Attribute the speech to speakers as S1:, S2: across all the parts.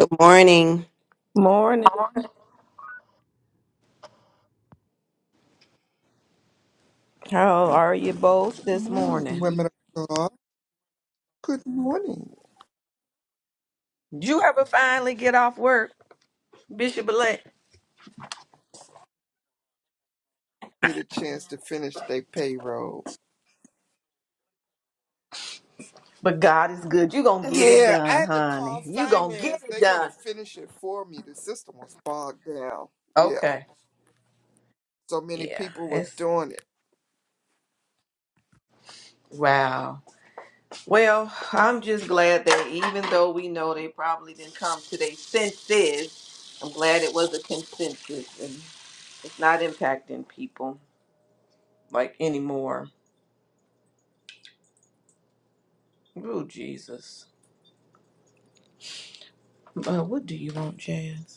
S1: Good morning.
S2: Morning. How are you both this
S3: Morning,
S2: morning?
S3: women of God. Good morning.
S2: Did you ever finally get off work, Bishop elect?
S3: Get a chance to finish their payroll.
S2: But God is good. You gonna get it
S3: Yeah, I
S2: done,
S3: had to call
S2: honey. You gonna get
S3: finance.
S2: it
S3: They're gonna
S2: done.
S3: finish it for me. The system was bogged down. Yeah,
S2: Okay.
S3: so many
S2: Yeah.
S3: people was
S2: It's
S3: doing it.
S2: wow. Well, I'm just glad that even though we know they probably didn't come to their senses, I'm glad it was a consensus and it's not impacting people like anymore. Oh Jesus. Uh, what do you want, Jazz?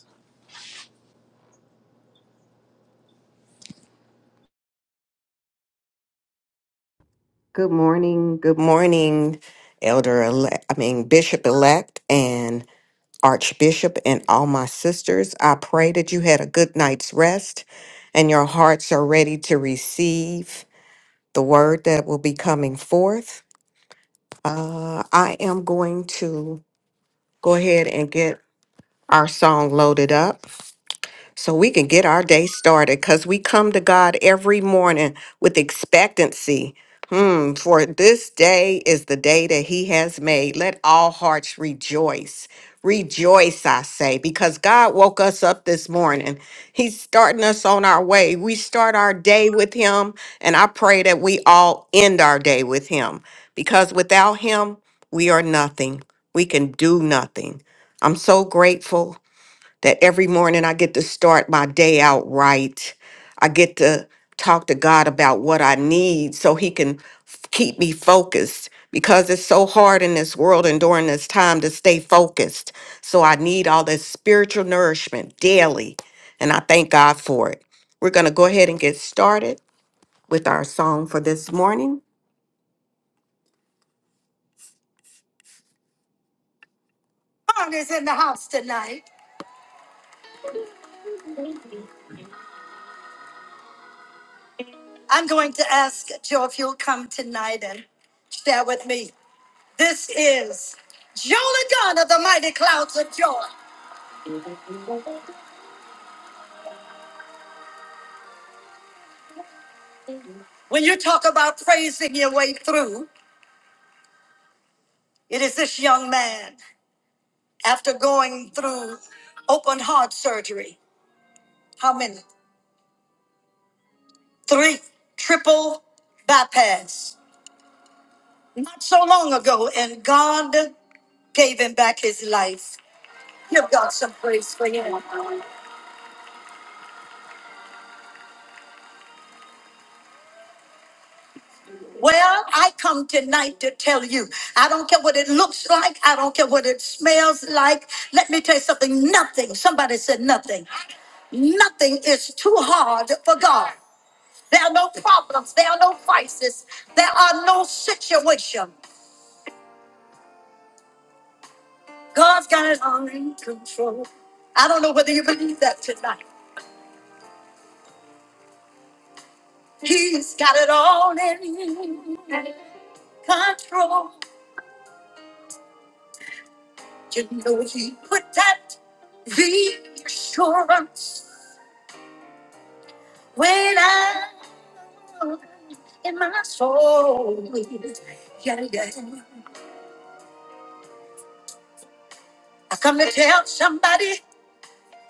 S1: Good morning. Good morning, Elder elect, I mean, Bishop elect and Archbishop and all my sisters. I pray that you had a good night's rest and your hearts are ready to receive the word that will be coming forth. Uh, I am going to go ahead and get our song loaded up. so we can get our day started because we come to God every morning with expectancy. Hmm, for this day is the day that He has made. Let all hearts rejoice. Rejoice, I say, because God woke us up this morning. He's starting us on our way. We start our day with Him, and I pray that we all end our day with Him because without Him, we are nothing. We can do nothing. I'm so grateful that every morning I get to start my day out right. I get to talk to God about what I need so He can f- keep me focused because it's so hard in this world and during this time to stay focused. So I need all this spiritual nourishment daily, and I thank God for it. We're going to go ahead and get started with our song for this morning. Ron is in the house tonight. I'm going to ask Joe if you'll come tonight and share with me. This is Jonah of the mighty clouds of joy. When you talk about praising your way through, it is this young man after going through open heart surgery. How many? Three triple bypass. Not so long ago, and God gave him back his life. Give God some praise for him. Well, I come tonight to tell you, I don't care what it looks like, I don't care what it smells like. Let me tell you something nothing, somebody said nothing. Nothing is too hard for God. There are no problems, there are no crises, there are no situations. God's got it all in control. I don't know whether you believe that tonight. He's got it all in control. You know, He put that reassurance When I in my soul, yeah, yeah. I come to tell somebody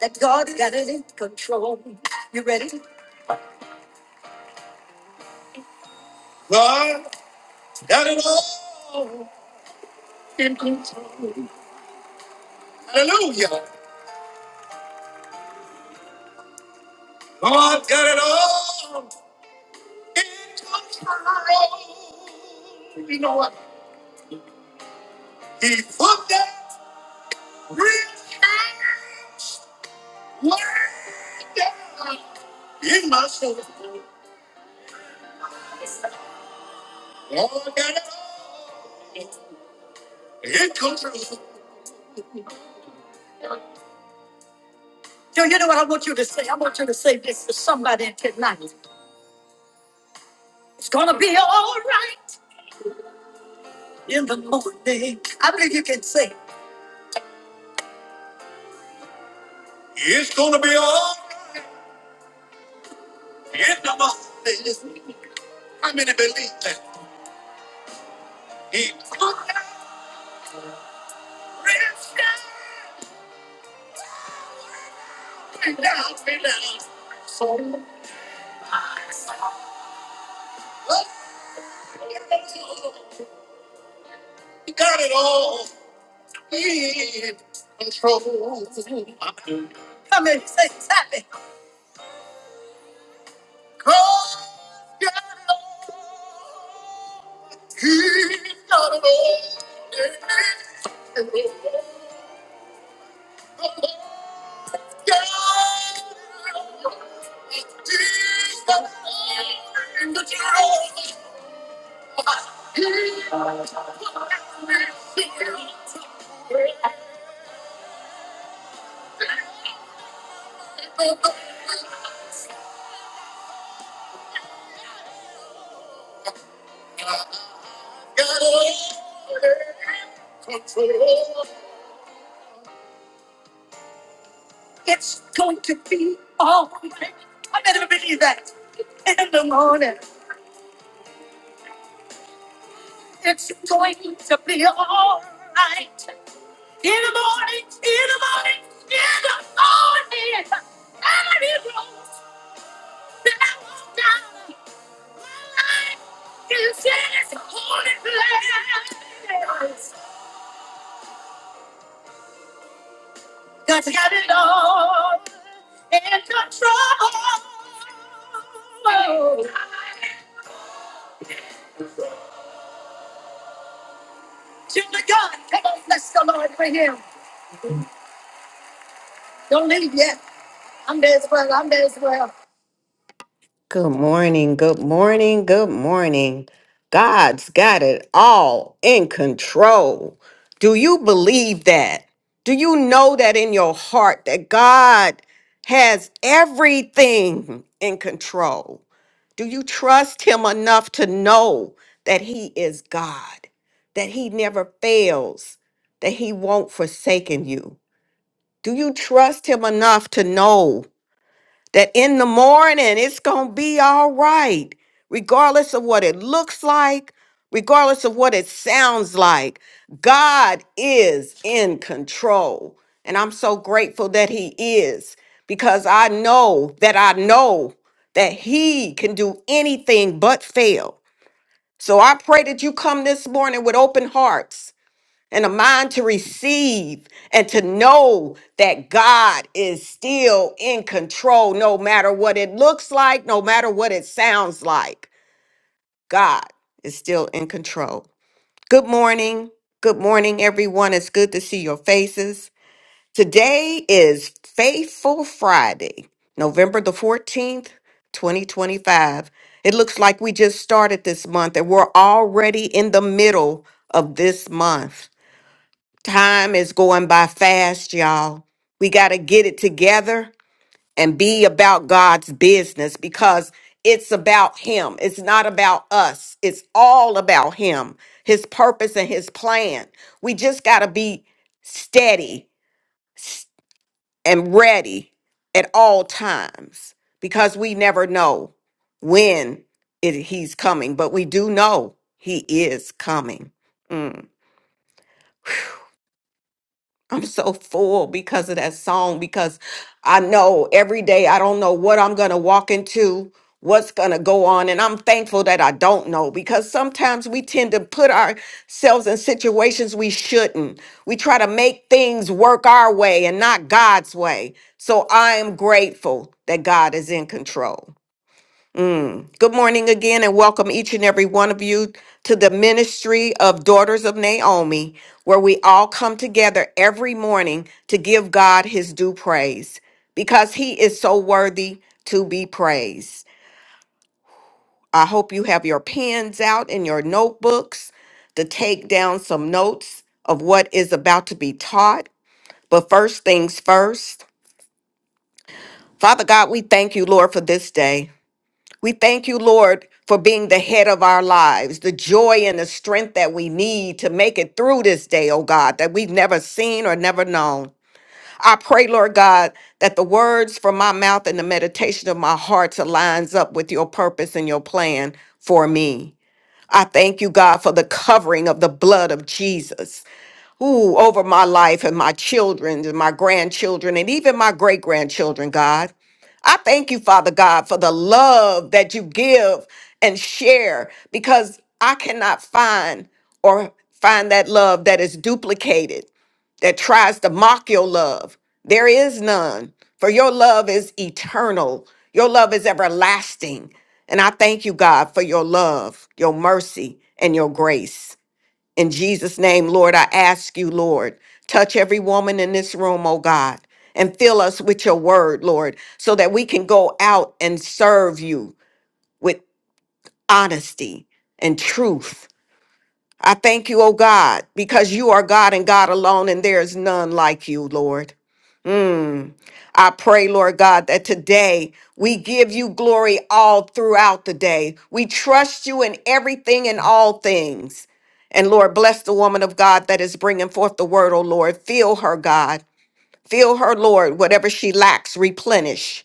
S1: that God's got it in control. You ready? You know what? Do you know what I want you to say? I want you to say this to somebody tonight. It's gonna be all right in the morning. I believe you can say. So nice. Come in, say it's happy. He's not alone. It's going to be all right. I better believe that. In the morning, it's going to be all right. In the morning, in the morning, in the morning, and it rolls down, down. My life is in its holy place. God's got it all in control. To the God, come on, bless the Lord for him. Don't leave yet. I'm there as well. I'm there as well. Good morning. Good morning. Good morning. God's got it all in control. Do you believe that? Do you know that in your heart that God has everything in control? Do you trust him enough to know that he is God, that he never fails, that he won't forsaken you? Do you trust him enough to know that in the morning it's going to be all right, regardless of what it looks like, regardless of what it sounds like. God is in control. And I'm so grateful that He is because I know that I know that He can do anything but fail. So I pray that you come this morning with open hearts and a mind to receive and to know that God is still in control, no matter what it looks like, no matter what it sounds like. God is still in control. Good morning. Good morning, everyone. It's good to see your faces. Today is Faithful Friday, November the 14th, 2025. It looks like we just started this month and we're already in the middle of this month. Time is going by fast, y'all. We got to get it together and be about God's business because it's about Him. It's not about us, it's all about Him, His purpose, and His plan. We just got to be steady s- and ready at all times because we never know when it, He's coming, but we do know He is coming. I'm so full because of that song because I know every day I don't know what I'm going to walk into, what's going to go on. And I'm thankful that I don't know because sometimes we tend to put ourselves in situations we shouldn't. We try to make things work our way and not God's way. So I am grateful that God is in control. Mm. Good morning again, and welcome each and every one of you to the ministry of Daughters of Naomi, where we all come together every morning to give God his due praise because he is so worthy to be praised. I hope you have your pens out and your notebooks to take down some notes of what is about to be taught. But first things first, Father God, we thank you, Lord, for this day. We thank you, Lord, for being the head of our lives, the joy and the strength that we need to make it through this day, oh God, that we've never seen or never known. I pray, Lord God, that the words from my mouth and the meditation of my heart aligns up with your purpose and your plan for me. I thank you, God, for the covering of the blood of Jesus who over my life and my children and my grandchildren and even my great grandchildren, God. I thank you, Father God, for the love that you give and share because I cannot find or find that love that is duplicated, that tries to mock your love. There is none, for your love is eternal, your love is everlasting. And I thank you, God, for your love, your mercy, and your grace. In Jesus' name, Lord, I ask you, Lord, touch every woman in this room, oh God, and fill us with your word, Lord, so that we can go out and serve you with honesty and truth. I thank you, oh God, because you are God and God alone, and there is none like you, Lord. Mm. I pray, Lord God, that today we give you glory all throughout the day. We trust you in everything and all things. And Lord, bless the woman of God that is bringing forth the word, oh Lord. Fill her, God. Fill her, Lord. Whatever she lacks, replenish.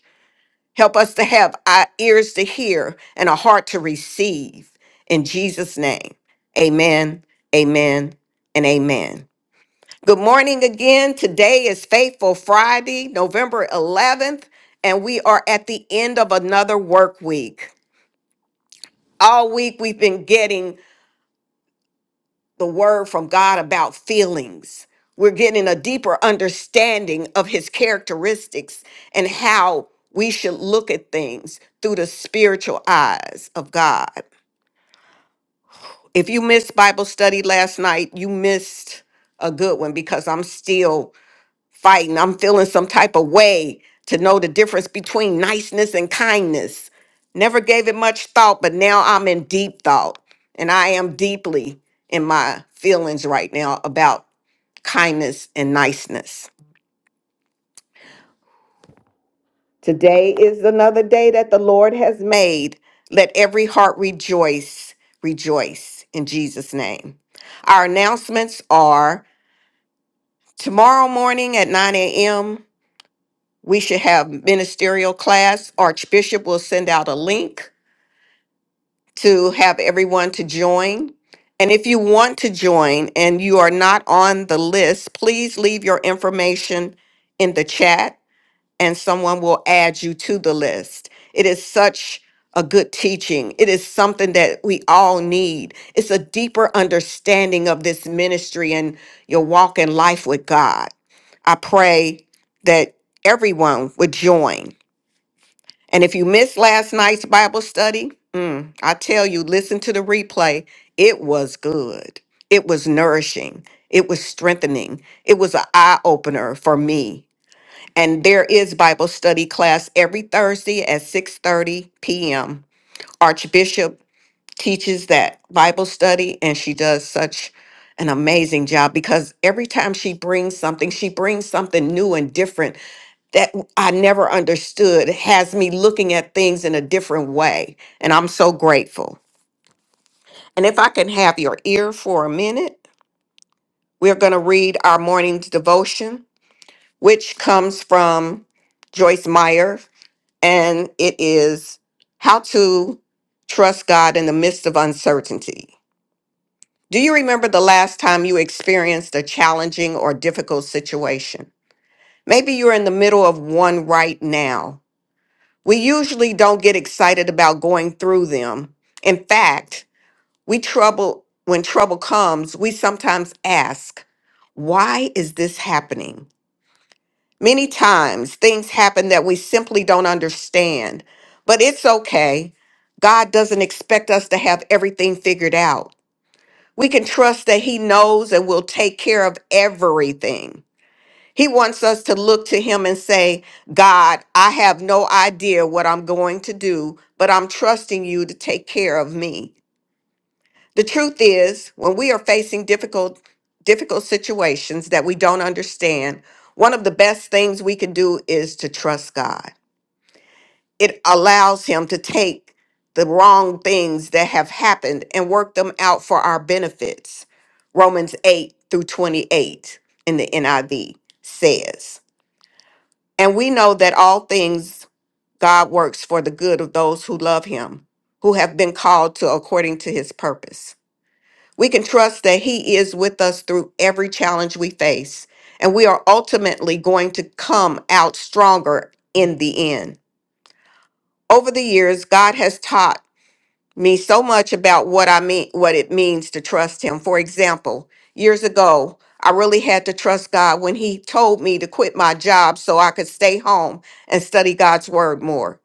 S1: Help us to have our ears to hear and a heart to receive. In Jesus' name, amen, amen, and amen. Good morning again. Today is Faithful Friday, November 11th, and we are at the end of another work week. All week we've been getting the word from God about feelings. We're getting a deeper understanding of his characteristics and how we should look at things through the spiritual eyes of God. If you missed Bible study last night, you missed a good one because I'm still fighting. I'm feeling some type of way to know the difference between niceness and kindness. Never gave it much thought, but now I'm in deep thought. And I am deeply in my feelings right now about kindness and niceness. Today is another day that the Lord has made. Let every heart rejoice, rejoice in Jesus' name. Our announcements are tomorrow morning at 9 a.m. We should have ministerial class. Archbishop will send out a link to have everyone to join. And if you want to join and you are not on the list, please leave your information in the chat and someone will add you to the list. It is such a good teaching. It is something that we all need. It's a deeper understanding of this ministry and your walk in life with God. I pray that everyone would join. And if you missed last night's Bible study, mm, I tell you, listen to the replay. It was good. It was nourishing. It was strengthening. It was an eye opener for me. And there is Bible study class every Thursday at 6:30 p.m. Archbishop teaches that Bible study, and she does such an amazing job because every time she brings something, she brings something new and different that I never understood has me looking at things in a different way. And I'm so grateful. And if I can have your ear for a minute, we're going to read our morning's devotion, which comes from Joyce Meyer. And it is How to Trust God in the Midst of Uncertainty. Do you remember the last time you experienced a challenging or difficult situation? Maybe you're in the middle of one right now We usually don't get excited about going through them. In fact, we trouble when trouble comes, we sometimes ask, why is this happening? Many times things happen that we simply don't understand, but it's okay. God doesn't expect us to have everything figured out. We can trust that He knows and will take care of everything. He wants us to look to him and say, God, I have no idea what I'm going to do, but I'm trusting you to take care of me. The truth is, when we are facing difficult, difficult situations that we don't understand, one of the best things we can do is to trust God. It allows him to take the wrong things that have happened and work them out for our benefits. Romans 8 through 28 in the NIV says. And we know that all things God works for the good of those who love him, who have been called to according to his purpose. We can trust that he is with us through every challenge we face, and we are ultimately going to come out stronger in the end. Over the years, God has taught me so much about what I mean, what it means to trust Him. For example, years ago, I really had to trust God when He told me to quit my job so I could stay home and study God's Word more.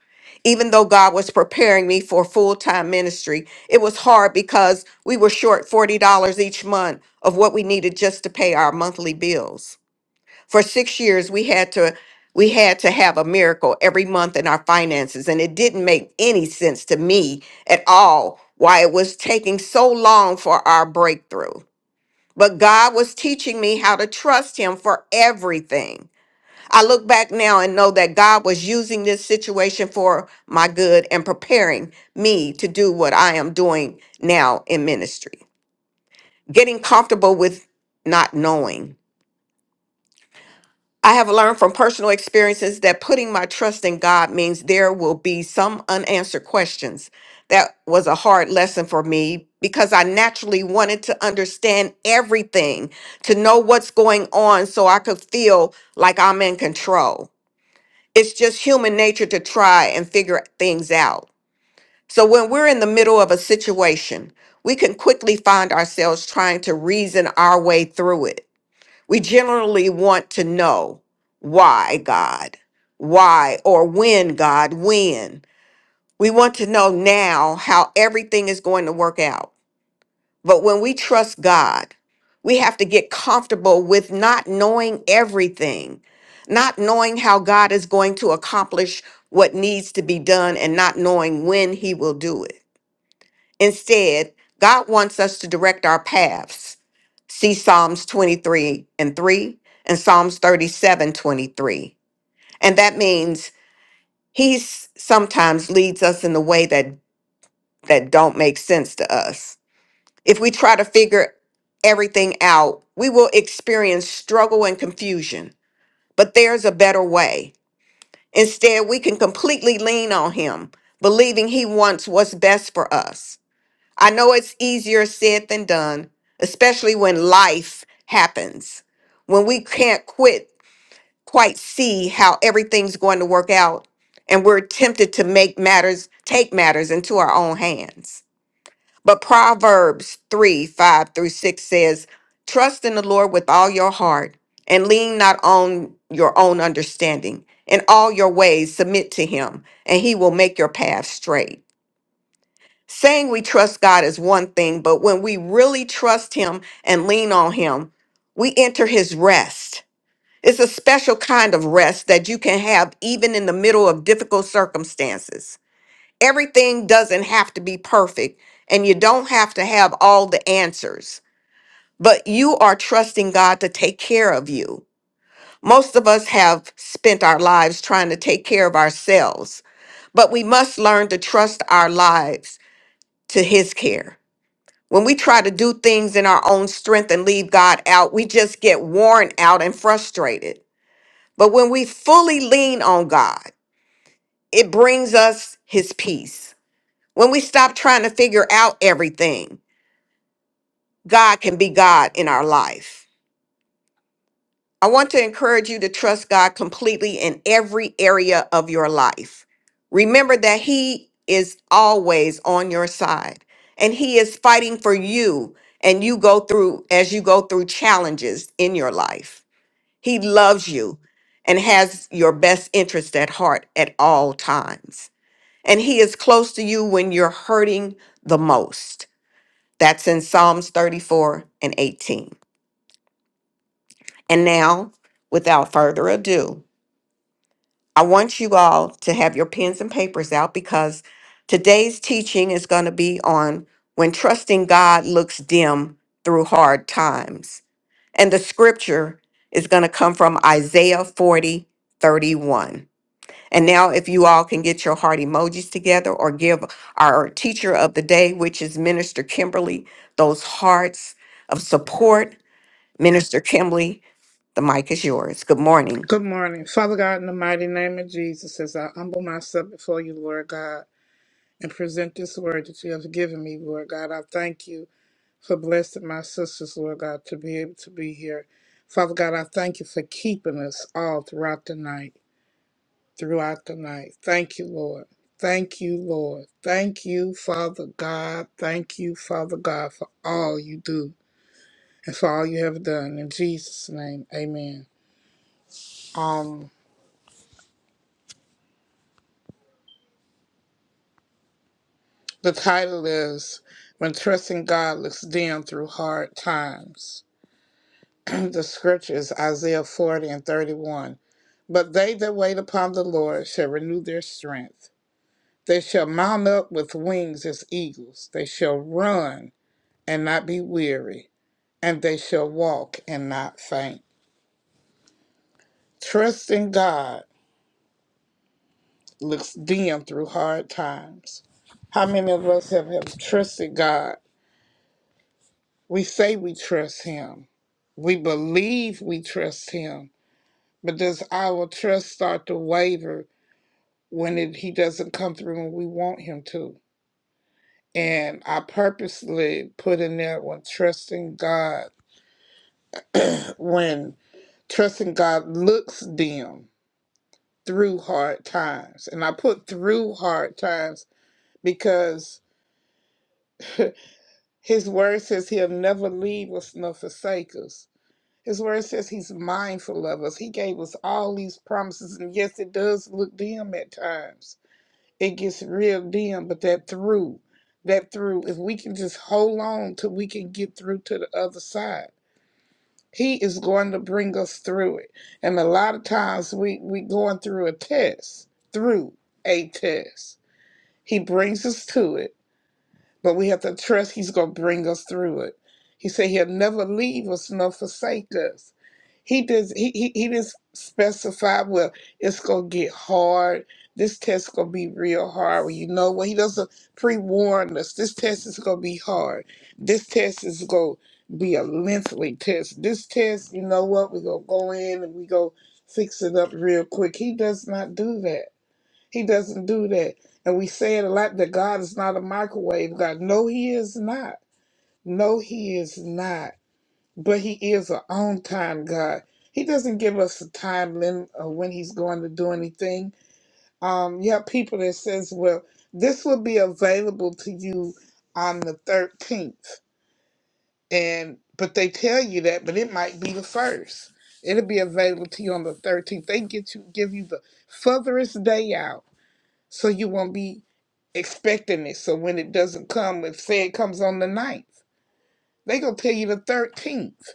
S1: Even though God was preparing me for full time ministry, it was hard because we were short $40 each month of what we needed just to pay our monthly bills for six years we had to we had to have a miracle every month in our finances and it didn't make any sense to me at all why it was taking so long for our breakthrough but god was teaching me how to trust him for everything i look back now and know that god was using this situation for my good and preparing me to do what i am doing now in ministry getting comfortable with not knowing I have learned from personal experiences that putting my trust in God means there will be some unanswered questions. That was a hard lesson for me because I naturally wanted to understand everything, to know what's going on so I could feel like I'm in control. It's just human nature to try and figure things out. So when we're in the middle of a situation, we can quickly find ourselves trying to reason our way through it. We generally want to know why, God, why, or when, God, when. We want to know now how everything is going to work out. But when we trust God, we have to get comfortable with not knowing everything, not knowing how God is going to accomplish what needs to be done, and not knowing when He will do it. Instead, God wants us to direct our paths. See Psalms 23 and 3 and Psalms 37:23, And that means he sometimes leads us in the way that that don't make sense to us. If we try to figure everything out, we will experience struggle and confusion. But there's a better way. Instead, we can completely lean on him, believing he wants what's best for us. I know it's easier said than done, especially when life happens, when we can't quit, quite see how everything's going to work out, and we're tempted to make matters, take matters into our own hands. But Proverbs 3 5 through 6 says, Trust in the Lord with all your heart and lean not on your own understanding. In all your ways, submit to him, and he will make your path straight. Saying we trust God is one thing, but when we really trust Him and lean on Him, we enter His rest. It's a special kind of rest that you can have even in the middle of difficult circumstances. Everything doesn't have to be perfect, and you don't have to have all the answers, but you are trusting God to take care of you. Most of us have spent our lives trying to take care of ourselves, but we must learn to trust our lives to His care. When we try to do things in our own strength and leave God out, we just get worn out and frustrated. But when we fully lean on God, it brings us his peace. When we stop trying to figure out everything, God can be God in our life. I want to encourage you to trust God completely in every area of your life. Remember that He is always on your side and He is fighting for you and you go through as you go through challenges in your life. He loves you and has your best interest at heart at all times. And He is close to you when you're hurting the most. That's in Psalms 34 and 18. And now, without further ado, I want you all to have your pens and papers out because today's teaching is going to be on when trusting God looks dim through hard times. And the scripture is going to come from Isaiah 40:31. And now, if you all can get your heart emojis together or give our teacher of the day, which is Minister Kimberly, those hearts of support. Minister Kimberly, the mic is yours. Good morning.
S4: Good morning. Father God, in the mighty name of Jesus, as I humble myself before you, Lord God, and present this word that you have given me, Lord God, I thank you for blessing my sisters, Lord God, to be able to be here. Father God, I thank you for keeping us all throughout the night, throughout the night. Thank you, Lord. Thank you, Lord. Thank you, Father God. Thank you, Father God, for all you do and for all you have done. In Jesus' name, amen. Um. The title is When Trusting God Looks Dim Through Hard Times. the scripture is Isaiah 40 and 31. But they that wait upon the Lord shall renew their strength. They shall mount up with wings as eagles. They shall run and not be weary, and they shall walk and not faint. Trusting God looks dim through hard times. How many of us have, have trusted God? We say we trust Him, we believe we trust Him, but does our trust start to waver when it, He doesn't come through when we want Him to? And I purposely put in there when trusting God, when trusting God looks dim through hard times. And I put through hard times because His word says He'll never leave us nor forsake us. His word says he's mindful of us. He gave us all these promises. And yes, it does look dim at times. It gets real dim, but that through, that through, if we can just hold on till we can get through to the other side, he is going to bring us through it. And a lot of times we, we going through a test, through a test. He brings us to it, but we have to trust he's going to bring us through it. He said he'll never leave us nor forsake us. He does. He he, he didn't specify. Well, it's gonna get hard. This test's gonna be real hard. Well, you know what? He doesn't pre-warn us. This test is gonna be hard. This test is gonna be a lengthy test. This test, you know what? We gonna go in and we go fix it up real quick. He does not do that. He doesn't do that. And we say it a lot that God is not a microwave God. No, He is not. No, He is not but he is an on time God. He doesn't give us a time limit of when he's going to do anything. Um, you have people that says, "Well, this will be available to you on the 13th," and but they tell you that, but it might be the first. It'll be available to you on the 13th. They get you give you the furthest day out, so you won't be expecting it. So when it doesn't come, if say it comes on the ninth, they gonna tell you the 13th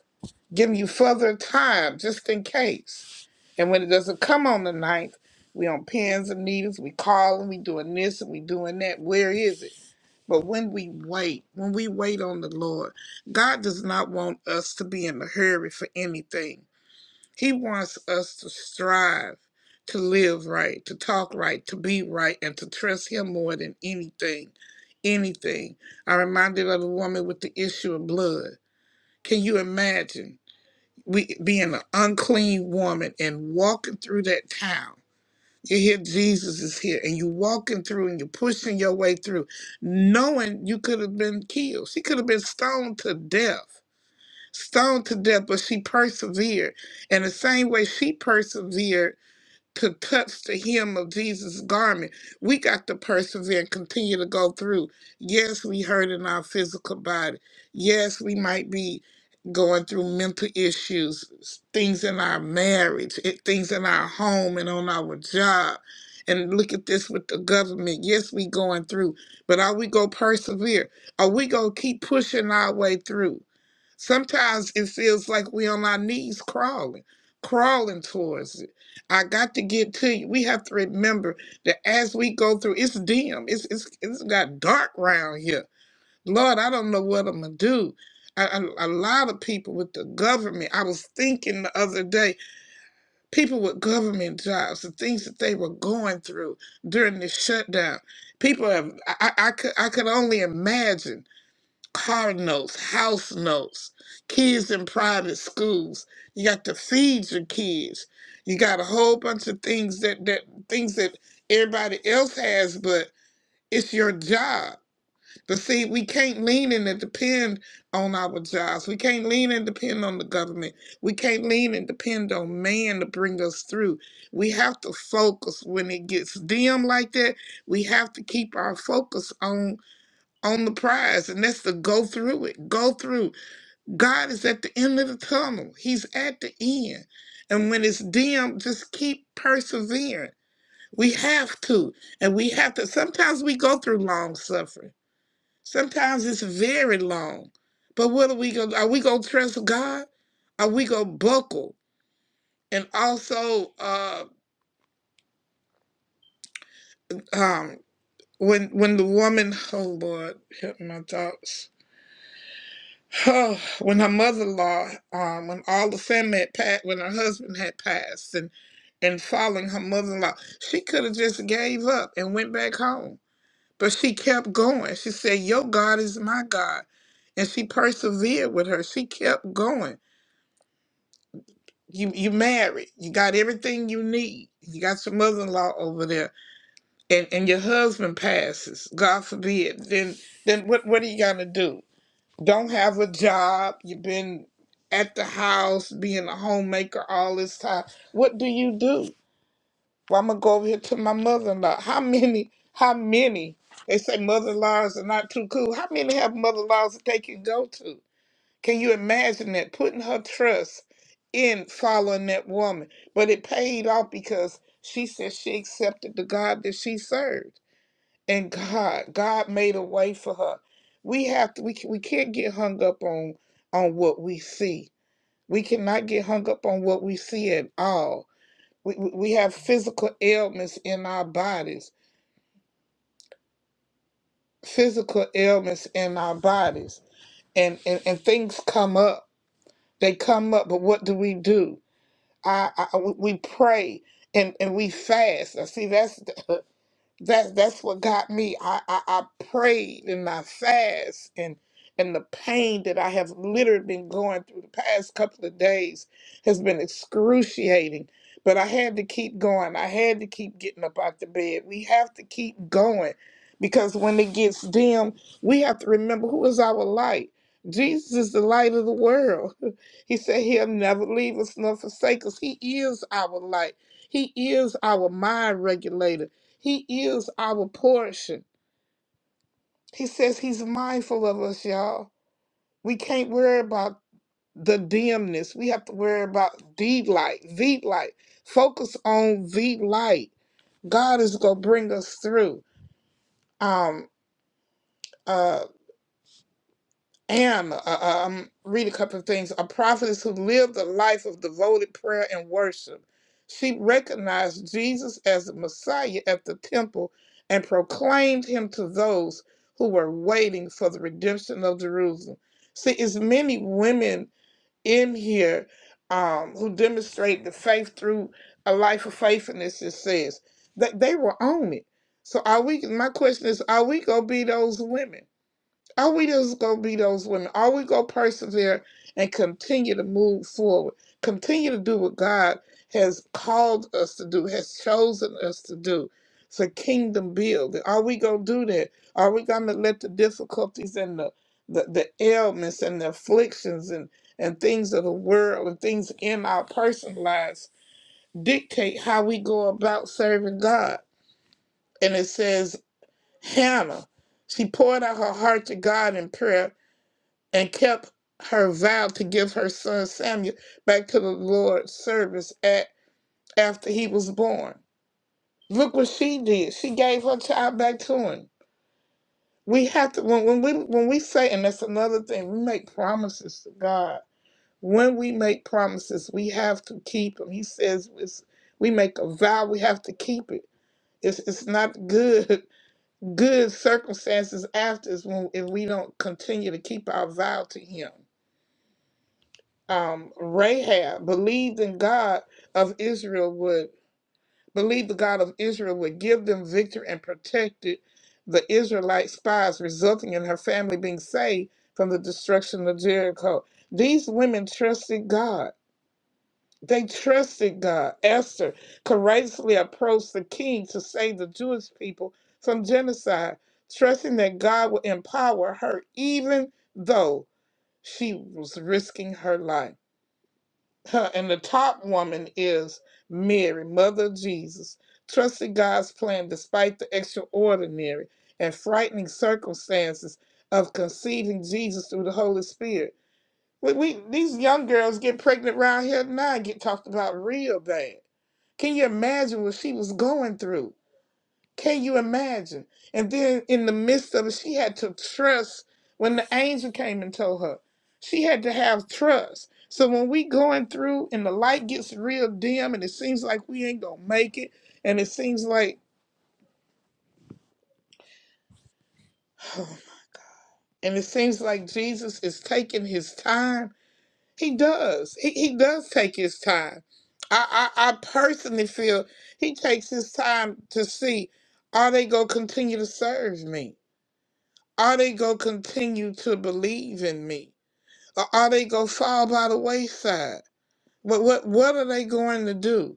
S4: giving you further time just in case. And when it doesn't come on the ninth, we on pins and needles, we calling, we doing this and we doing that. Where is it? But when we wait, when we wait on the Lord, God does not want us to be in a hurry for anything. He wants us to strive to live right, to talk right, to be right, and to trust Him more than anything. Anything. I reminded of the woman with the issue of blood. Can you imagine? we being an unclean woman and walking through that town. You hear Jesus is here, and you walking through, and you're pushing your way through, knowing you could have been killed. She could have been stoned to death, stoned to death, but she persevered. And the same way she persevered could touch the hem of Jesus' garment. We got to persevere and continue to go through. Yes, we hurt in our physical body. Yes, we might be going through mental issues, things in our marriage, it- things in our home and on our job. And look at this with the government. Yes, we going through, but are we gonna persevere? Are we gonna keep pushing our way through? Sometimes it feels like we on our knees crawling, crawling towards it. I got to get to you. We have to remember that as we go through, it's dim. It's it's it's got dark round here. Lord, I don't know what I'm gonna do. I, I, A, lot of people with the government. I was thinking the other day, people with government jobs, the things that they were going through during this shutdown. People have. I, I I could I could only imagine car notes, house notes, kids in private schools. You got to feed your kids. You got a whole bunch of things that, that things that everybody else has, but it's your job. But see, we can't lean in and depend on our jobs. We can't lean and depend on the government. We can't lean and depend on man to bring us through. We have to focus when it gets dim like that. We have to keep our focus on on the prize, and that's to go through it. Go through. God is at the end of the tunnel. He's at the end. And when it's dim, just keep persevering. We have to. And we have to. Sometimes we go through long suffering. Sometimes it's very long. But what are we gonna are we gonna trust God? Are we gonna buckle? And also, uh um when when the woman, oh Lord, help my thoughts Oh, when her mother-in-law, um, when all the family had passed, when her husband had passed, and and following her mother-in-law, she could have just gave up and went back home. But she kept going. She said, "Your God is my God," and she persevered with her. She kept going. You you married. You got everything you need. You got your mother-in-law over there, and and your husband passes. God forbid. Then then what what are you gonna do? don't have a job, you've been at the house being a homemaker all this time. What do you do? Well, I'm gonna go over here to my mother in law. How many, how many? They say mother in laws are not too cool. How many have mother in laws that they can go to? Can you imagine that putting her trust in following that woman? But it paid off because she said she accepted the God that she served and God, God made a way for her. We have to, we can, we can't get hung up on on what we see. We cannot get hung up on what we see at all. We we we have physical ailments in our bodies, physical ailments in our bodies, and and, and things come up. They come up, but what do we do? I, I we we pray and and we fast. I see that's. That that's what got me. I, I I prayed and I fast and and the pain that I have literally been going through the past couple of days has been excruciating. But I had to keep going. I had to keep getting up out the bed. We have to keep going because when it gets dim, we have to remember who is our light. Jesus is the light of the world. He said he'll never leave us nor forsake us. He is our light. He is our mind regulator. He is our portion. He says he's mindful of us, y'all. We can't worry about the dimness. We have to worry about the light, the light. Focus on the light. God is gonna bring us through. Um uh, am, uh, uh, I'm reading a couple of things, a prophetess who lived a life of devoted prayer and worship. She recognized Jesus as the Messiah at the temple and proclaimed him to those who were waiting for the redemption of Jerusalem. See, it's many women in here um, who demonstrate the faith through a life of faithfulness, it says. That they were on it. So are we my question is, are we gonna be those women? All we do is going to be those women. All we go persevere and continue to move forward. Continue to do what God has called us to do, has chosen us to do. It's a kingdom building. Are we going to do that? Are we going to let the difficulties and the, the, the ailments and the afflictions and, and things of the world and things in our personal lives dictate how we go about serving God? And it says, Hannah, she poured out her heart to God in prayer and kept her vow to give her son Samuel back to the Lord's service at, after he was born. Look what she did. She gave her child back to him. We have to when, when we when we say, and that's another thing, we make promises to God. When we make promises, we have to keep them. He says it's, we make a vow, we have to keep it. It's it's not good good circumstances after us when if we don't continue to keep our vow to Him. um, Rahab believed in God of Israel would believe the God of Israel would give them victory and protected the Israelite spies, resulting in her family being saved from the destruction of Jericho. These women trusted God. They trusted God. Esther courageously approached the king to save the Jewish people from genocide, trusting that God would empower her, even though she was risking her life. Her, and the top woman is Mary, Mother of Jesus, trusted God's plan despite the extraordinary and frightening circumstances of conceiving Jesus through the Holy Spirit. We, we these young girls get pregnant around here now and get talked about real bad. Can you imagine what she was going through? Can you imagine? And then in the midst of it, she had to trust when the angel came and told her. She had to have trust. So when we going through and the light gets real dim and it seems like we ain't gonna make it, and it seems like and it seems like Jesus is taking his time. He does. He, he does take his time. I, I, I personally feel he takes his time to see are they gonna continue to serve me? Are they going to continue to believe in me? Or are they going to fall by the wayside? What, what, what are they going to do?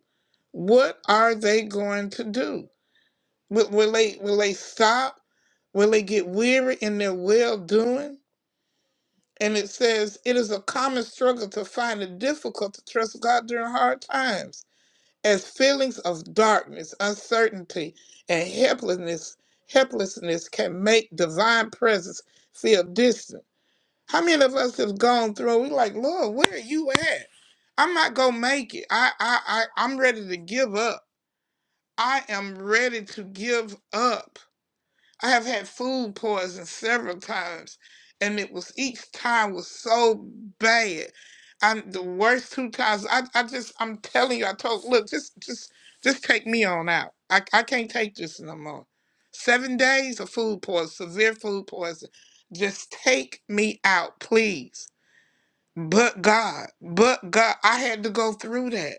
S4: What are they going to do? Will, will, they, will they stop? Will they get weary in their well doing? And it says, It is a common struggle to find it difficult to trust God during hard times, as feelings of darkness, uncertainty, and helplessness helplessness can make divine presence feel distant. How many of us have gone through? We like, Lord, where are you at? I'm not gonna make it. I, I, I, I'm ready to give up. I am ready to give up. I have had food poison several times, and it was each time was so bad. I'm the worst two times. I, I just, I'm telling you, I told, look, just, just, just take me on out. I, I can't take this no more. Seven days of food poison, severe food poison. Just take me out, please. But God, but God, I had to go through that.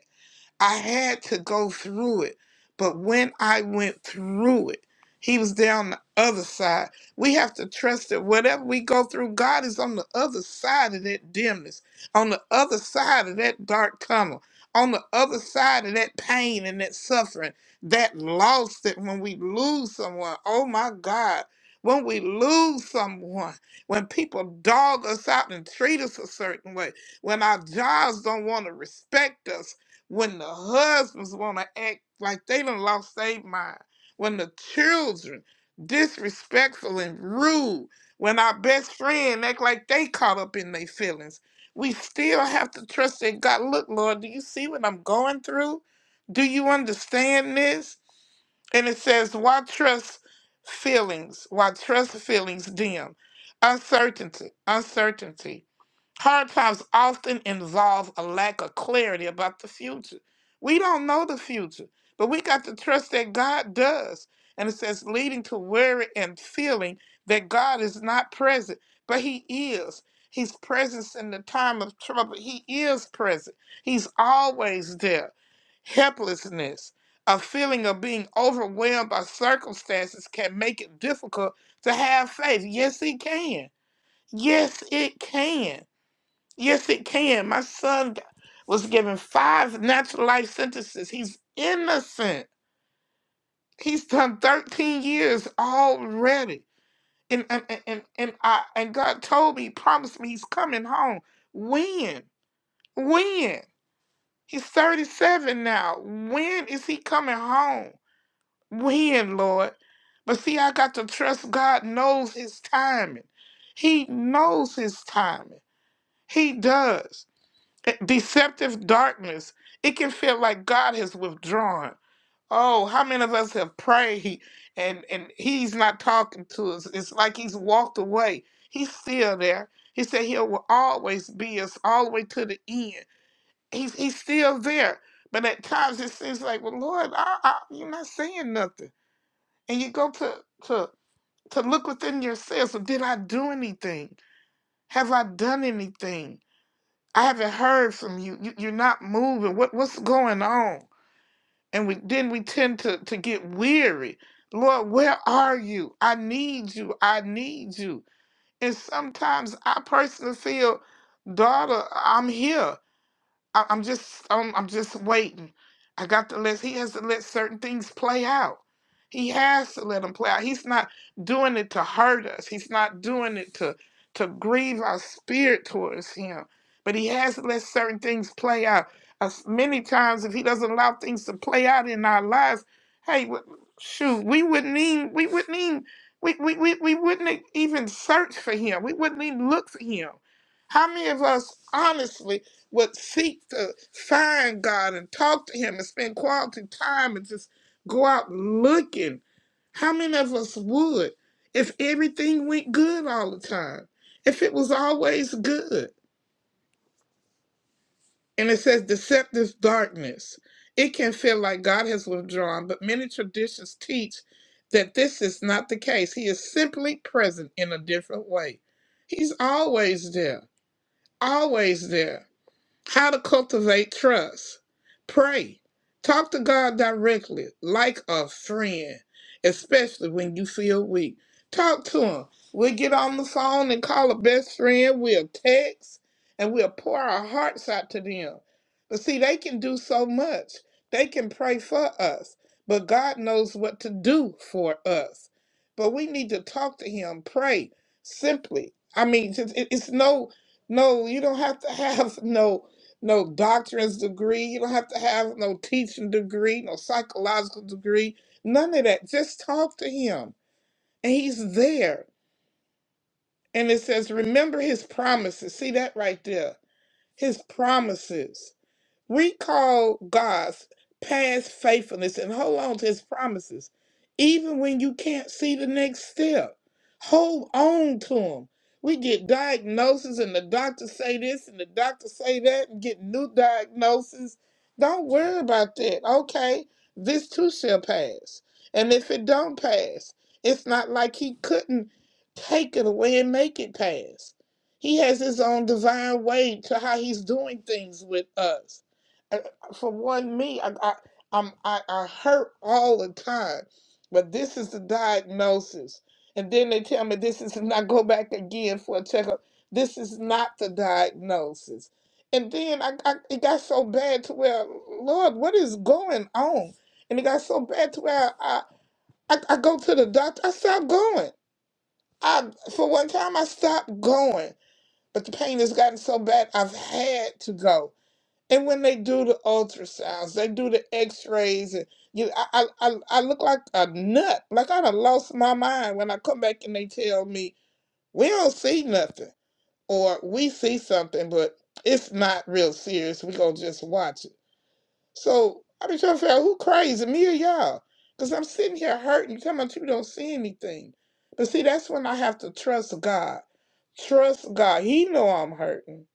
S4: I had to go through it. But when I went through it, he was there on the other side. We have to trust that whatever we go through, God is on the other side of that dimness, on the other side of that dark tunnel, on the other side of that pain and that suffering, that loss that when we lose someone, oh my God, when we lose someone, when people dog us out and treat us a certain way, when our jobs don't want to respect us, when the husbands want to act like they done lost their mind, when the children disrespectful and rude, when our best friend act like they caught up in their feelings, we still have to trust that God. Look, Lord, do you see what I'm going through? Do you understand this? And it says, why trust feelings? Why trust feelings dim? Uncertainty, uncertainty. Hard times often involve a lack of clarity about the future. We don't know the future, but we got to trust that God does. And it says, leading to worry and feeling that God is not present, but He is. He's present in the time of trouble. He is present. He's always there. Helplessness, a feeling of being overwhelmed by circumstances can make it difficult to have faith. Yes, it can. Yes, it can. Yes, it can. My son g- was given five natural life sentences. He's innocent. He's done 13 years already. And and and and, and I and God told me, promised me he's coming home. When? When? He's 37 now. When is he coming home? When, Lord? But see, I got to trust God knows his timing. He knows his timing. He does. Eh, Deceptive darkness. It can feel like God has withdrawn. Oh, how many of us have prayed and, and he's not talking to us? It's like he's walked away. He's still there. He said he will always be us all the way to the end. He's, he's still there. But at times it seems like, well, Lord, I, I, you're not saying nothing. And you go to, to, to look within yourself. Well, did I do anything? Have I done anything? I haven't heard from you. you you're not moving. What what's going on? And we then we tend to to get weary. Lord, where are you? I need you. I need you. And sometimes I personally feel, daughter, I'm here. I, I'm just I'm, I'm just waiting. I got to let he has to let certain things play out. He has to let them play out. He's not doing it to hurt us. He's not doing it to to grieve our spirit towards him. But he has to let certain things play out. As many times, if he doesn't allow things to play out in our lives, hey, wh- shoot, we wouldn't even we wouldn't even we, we, we, we wouldn't even search for him. We wouldn't even look for him. How many of us honestly would seek to find God and talk to Him and spend quality time and just go out looking. How many of us would if everything went good all the time? If it was always good? And it says deceptive darkness. It can feel like God has withdrawn, but many traditions teach that this is not the case. He is simply present in a different way. He's always there, always there. How to cultivate trust. Pray. Talk to God directly, like a friend, especially when you feel weak. Talk to Him. We'll get on the phone and call a best friend. We'll text and we'll pour our hearts out to them. But see, they can do so much. They can pray for us, but God knows what to do for us. But we need to talk to Him, pray simply. I mean, it's it's- it's no, no, you don't have to have no no doctorate degree. You don't have to have no teaching degree, no psychological degree, none of that. Just talk to him. And he's there. And it says, remember his promises. See that right there? His promises. Recall God's past faithfulness and hold on to his promises, even when you can't see the next step. Hold on to them. We get diagnoses and the doctor say this and the doctor say that and get new diagnoses. Don't worry about that. Okay, this too shall pass. And if it don't pass, it's not like he couldn't take it away and make it pass. He has his own divine way to how he's doing things with us uh, for one, me, I, I, I'm, I, I hurt all the time, but this is the diagnosis. And then they tell me this is not go back again for a checkup. This is not the diagnosis. And then I, I it got so bad to where, Lord, what is going on? And it got so bad to where I, I, I go to the doctor. I stopped going. I for one time I stopped going, but the pain has gotten so bad I've had to go. And when they do the ultrasounds, they do the X-rays, and you, I, I, I I look like a nut. Like I done lost my mind when I come back and they tell me we don't see nothing, or we see something, but it's not real serious. We gonna just watch it. So I be trying to figure out who crazy, me or y'all? Cause I'm sitting here hurting. You talking about you don't see anything, but see that's when I have to trust God. Trust God. He know I'm hurting.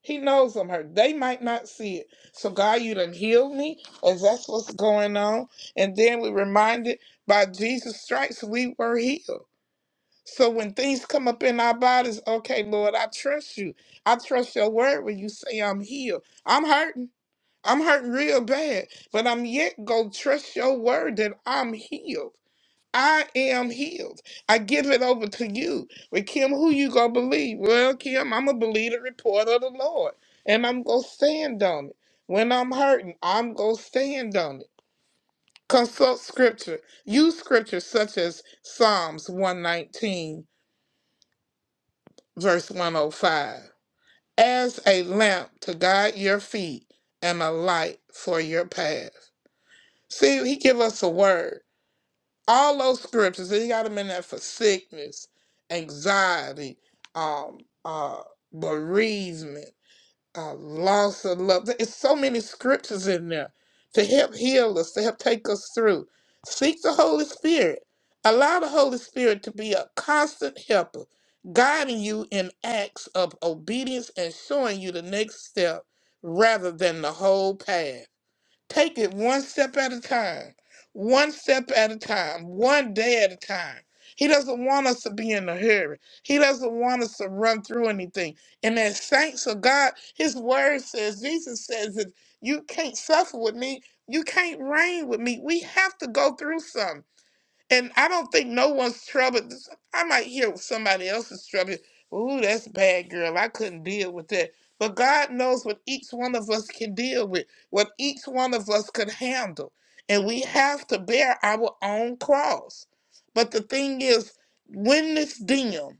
S4: He knows I'm hurt. They might not see it. So God, you done healed me, as that's what's going on. And then we're reminded by Jesus' stripes we were healed. So when things come up in our bodies, okay, Lord, I trust you. I trust your word when you say I'm healed. I'm hurting. I'm hurting real bad, but I'm yet gonna trust your word that I'm healed. I am healed. I give it over to you. But Kim, who you gonna believe? Well, Kim, I'm gonna believe the report of the Lord. And I'm gonna stand on it. When I'm hurting, I'm gonna stand on it. Consult scripture. Use scripture such as Psalms 119, verse 105. As a lamp to guide your feet and a light for your path. See, he give us a word. all those scriptures he got them in there for sickness anxiety um uh bereavement uh loss of love there's so many scriptures in there to help heal us to help take us through seek the holy spirit allow the holy spirit to be a constant helper guiding you in acts of obedience and showing you the next step rather than the whole path Take it one step at a time, one step at a time, one day at a time. He doesn't want us to be in a hurry. He doesn't want us to run through anything. And as saints of God, His Word says, Jesus says, if you can't suffer with me, you can't reign with me. We have to go through something. And I don't think no one's troubled. I might hear somebody else's trouble. Ooh, that's bad, girl. I couldn't deal with that. But God knows what each one of us can deal with, what each one of us could handle. And we have to bear our own cross. But the thing is, when it's dim,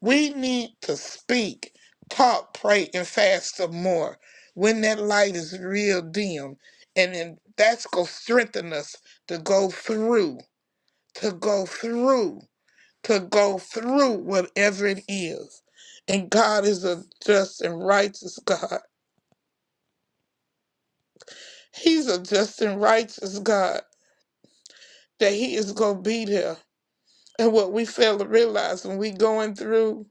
S4: we need to speak, talk, pray, and fast some more. When that light is real dim, and then that's going to strengthen us to go through to go through, to go through whatever it is. And God is a just and righteous God. He's a just and righteous God that He is going to be there. And what we fail to realize when we going through,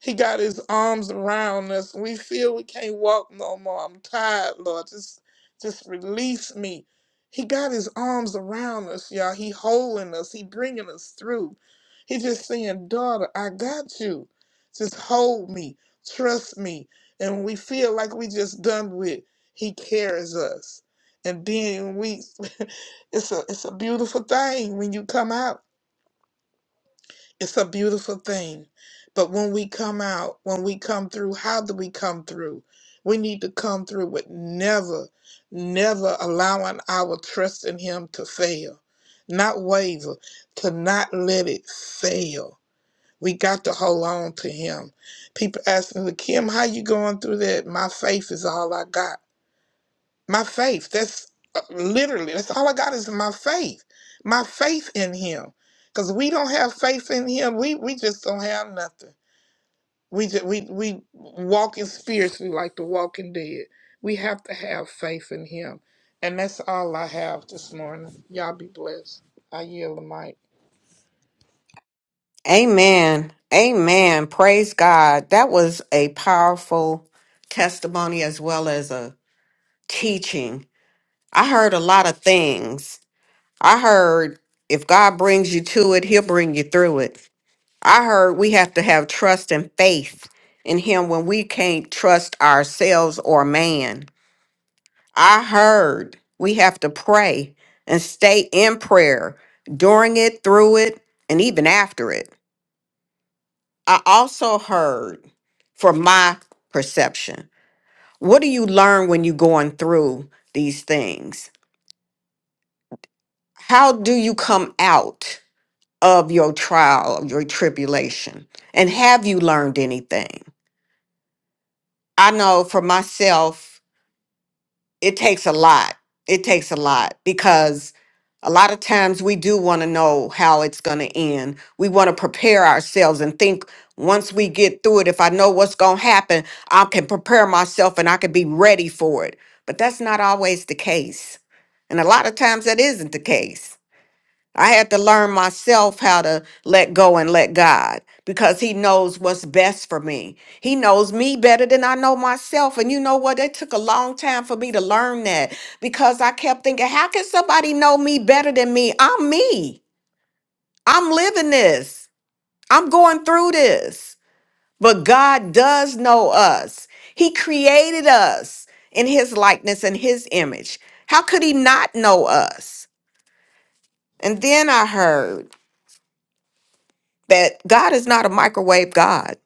S4: he got his arms around us. We feel we can't walk no more. I'm tired, Lord. Just just release me. He got his arms around us, y'all. He holding us. He bringing us through. He just saying, daughter, I got you. Just hold me. Trust me. And when we feel like we just done with, he carries us. And then we, it's a it's a beautiful thing when you come out it's a beautiful thing. But when we come out, when we come through, how do we come through? We need to come through with never, never allowing our trust in Him to fail, not waver, to not let it fail. We got to hold on to Him. People ask me, Kim, how you going through that? My faith is all I got. My faith. That's uh, literally, that's all I got is my faith. My faith in him. Because we don't have faith in him. We we just don't have nothing. We just, we we walk in spiritually like the walking dead. We have to have faith in him. And that's all I have this morning. Y'all be blessed. I yield the mic.
S1: Amen. Amen. Praise God. That was a powerful testimony as well as a teaching. I heard a lot of things. I heard if God brings you to it, he'll bring you through it. I heard we have to have trust and faith in him when we can't trust ourselves or man. I heard we have to pray and stay in prayer during it, through it, and even after it. I also heard from my perception. What do you learn when you're going through these things? How do you come out of your trial, of your tribulation? And have you learned anything? I know for myself, it takes a lot. It takes a lot because a lot of times we do want to know how it's going to end. We want to prepare ourselves and think once we get through it, if I know what's going to happen, I can prepare myself and I can be ready for it. But that's not always the case. And a lot of times that isn't the case. I had to learn myself how to let go and let God because He knows what's best for me. He knows me better than I know myself. And you know what? It took a long time for me to learn that because I kept thinking, how can somebody know me better than me? I'm me. I'm living this. I'm going through this. But God does know us. He created us in His likeness and His image. How could He not know us? And then I heard, that God is not a microwave God.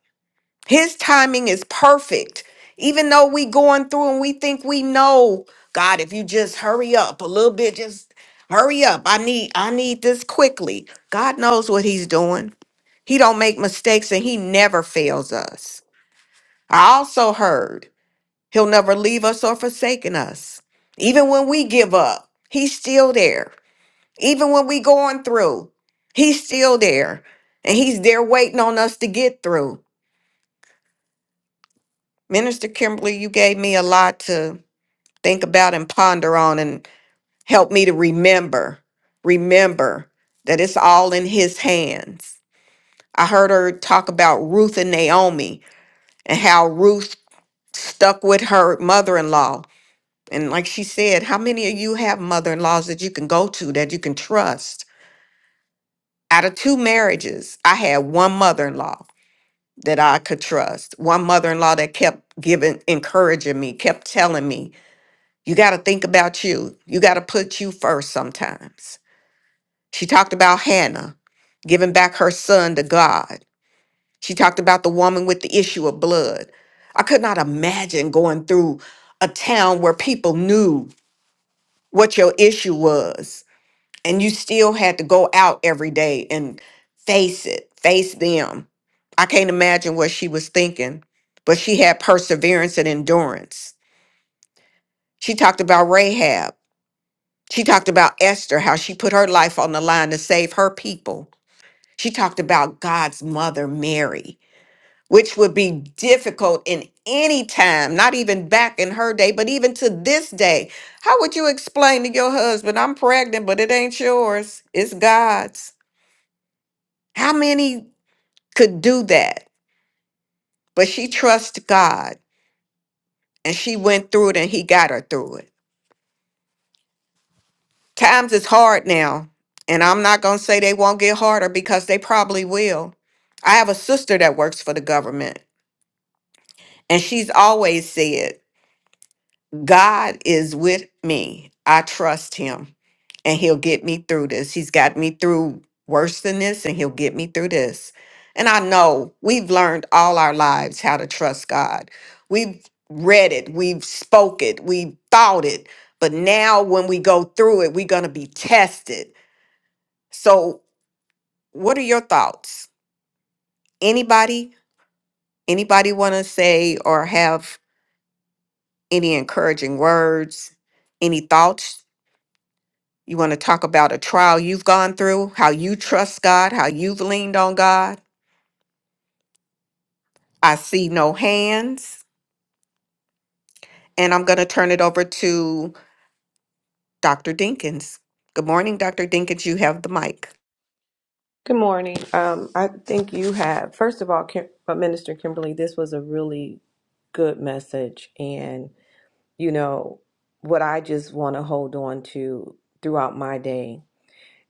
S1: His timing is perfect. Even though we going through and we think we know, God, if you just hurry up a little bit, just hurry up. I need I need this quickly. God knows what he's doing. He don't make mistakes and he never fails us. I also heard he'll never leave us or forsaken us. Even when we give up, he's still there. Even when we going through, he's still there and he's there waiting on us to get through. Minister Kimberly, you gave me a lot to think about and ponder on and help me to remember, remember that it's all in his hands. I heard her talk about Ruth and Naomi and how Ruth stuck with her mother-in-law. And like she said, how many of you have mother-in-laws that you can go to that you can trust? Out of two marriages, I had one mother-in-law that I could trust. One mother in law that kept giving, encouraging me, kept telling me, you got to think about you. You got to put you first sometimes. She talked about Hannah giving back her son to God. She talked about the woman with the issue of blood. I could not imagine going through a town where people knew what your issue was and you still had to go out every day and face it, face them. I can't imagine what she was thinking, but she had perseverance and endurance. She talked about Rahab. She talked about Esther, how she put her life on the line to save her people. She talked about God's mother, Mary, which would be difficult in any time, not even back in her day, but even to this day. How would you explain to your husband, I'm pregnant, but it ain't yours, it's God's? How many could do that? But she trusts God and she went through it and he got her through it. Times is hard now, and I'm not going to say they won't get harder because they probably will. I have a sister that works for the government, and she's always said God is with me. I trust him and he'll get me through this. He's got me through worse than this and he'll get me through this. And I know we've learned all our lives how to trust God. We've read it, we've spoke it, we've thought it. But now when we go through it, we're going to be tested. So, what are your thoughts? Anybody? Anybody want to say or have any encouraging words? Any thoughts You want to talk about a trial you've gone through, how you trust God, how you've leaned on God. I see no hands. And I'm going to turn it over to Dr. Dinkins. Good morning, Dr. Dinkins. You have the mic.
S2: Good morning. Um, I think you have, first of all, Kim, uh, Minister Kimberly, this was a really good message. And, you know, what I just want to hold on to throughout my day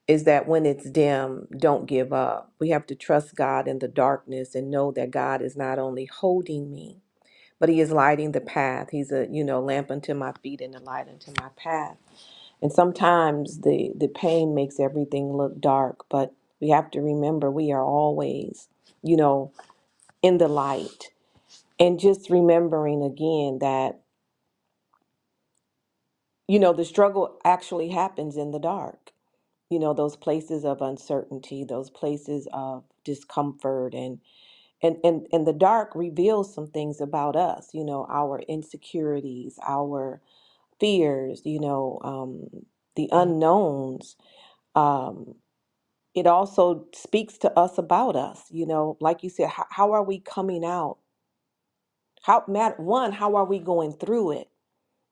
S2: is that when it's dim, don't give up. We have to trust God in the darkness and know that God is not only holding me, but He is lighting the path. He's a, you know, lamp unto my feet and a light unto my path. And sometimes the, the pain makes everything look dark, but we have to remember we are always, you know, in the light. And just remembering again that, you know, the struggle actually happens in the dark. You know, those places of uncertainty, those places of discomfort and and and, and the dark reveals some things about us, you know, our insecurities, our fears, you know, um, the unknowns. Um, it also speaks to us about us you know like you said how, how are we coming out how matter one how are we going through it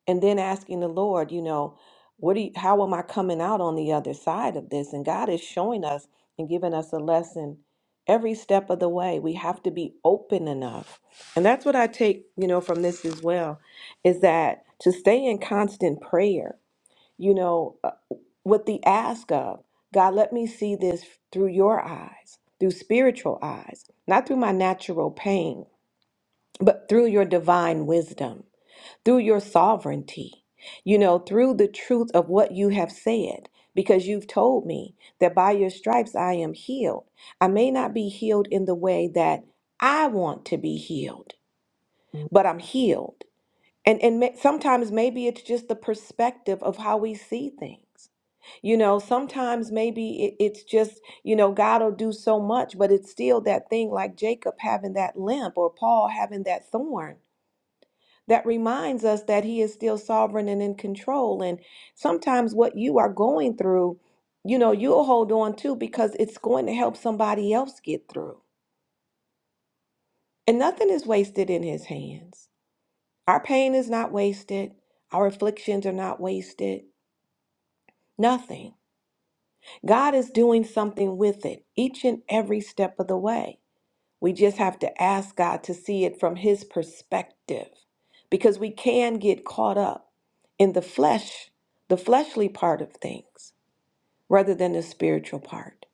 S2: and then asking the lord you know what do you, how am i coming out on the other side of this and god is showing us and giving us a lesson every step of the way we have to be open enough and that's what i take you know from this as well is that to stay in constant prayer you know uh, with the ask of God, let me see this through your eyes, through spiritual eyes, not through my natural pain, but through your divine wisdom, through your sovereignty, you know, through the truth of what you have said, because you've told me that by your stripes I am healed. I may not be healed in the way that I want to be healed, but I'm healed and and may, sometimes maybe it's just the perspective of how we see things you know sometimes maybe it, it's just you know god will do so much but it's still that thing like jacob having that limp or paul having that thorn that reminds us that he is still sovereign and in control and sometimes what you are going through you know you'll hold on to because it's going to help somebody else get through and nothing is wasted in his hands Our pain is not wasted. Our afflictions are not wasted. Nothing. God is doing something with it each and every step of the way. We just have to ask God to see it from His perspective because we can get caught up in the flesh, the fleshly part of things rather than the spiritual part.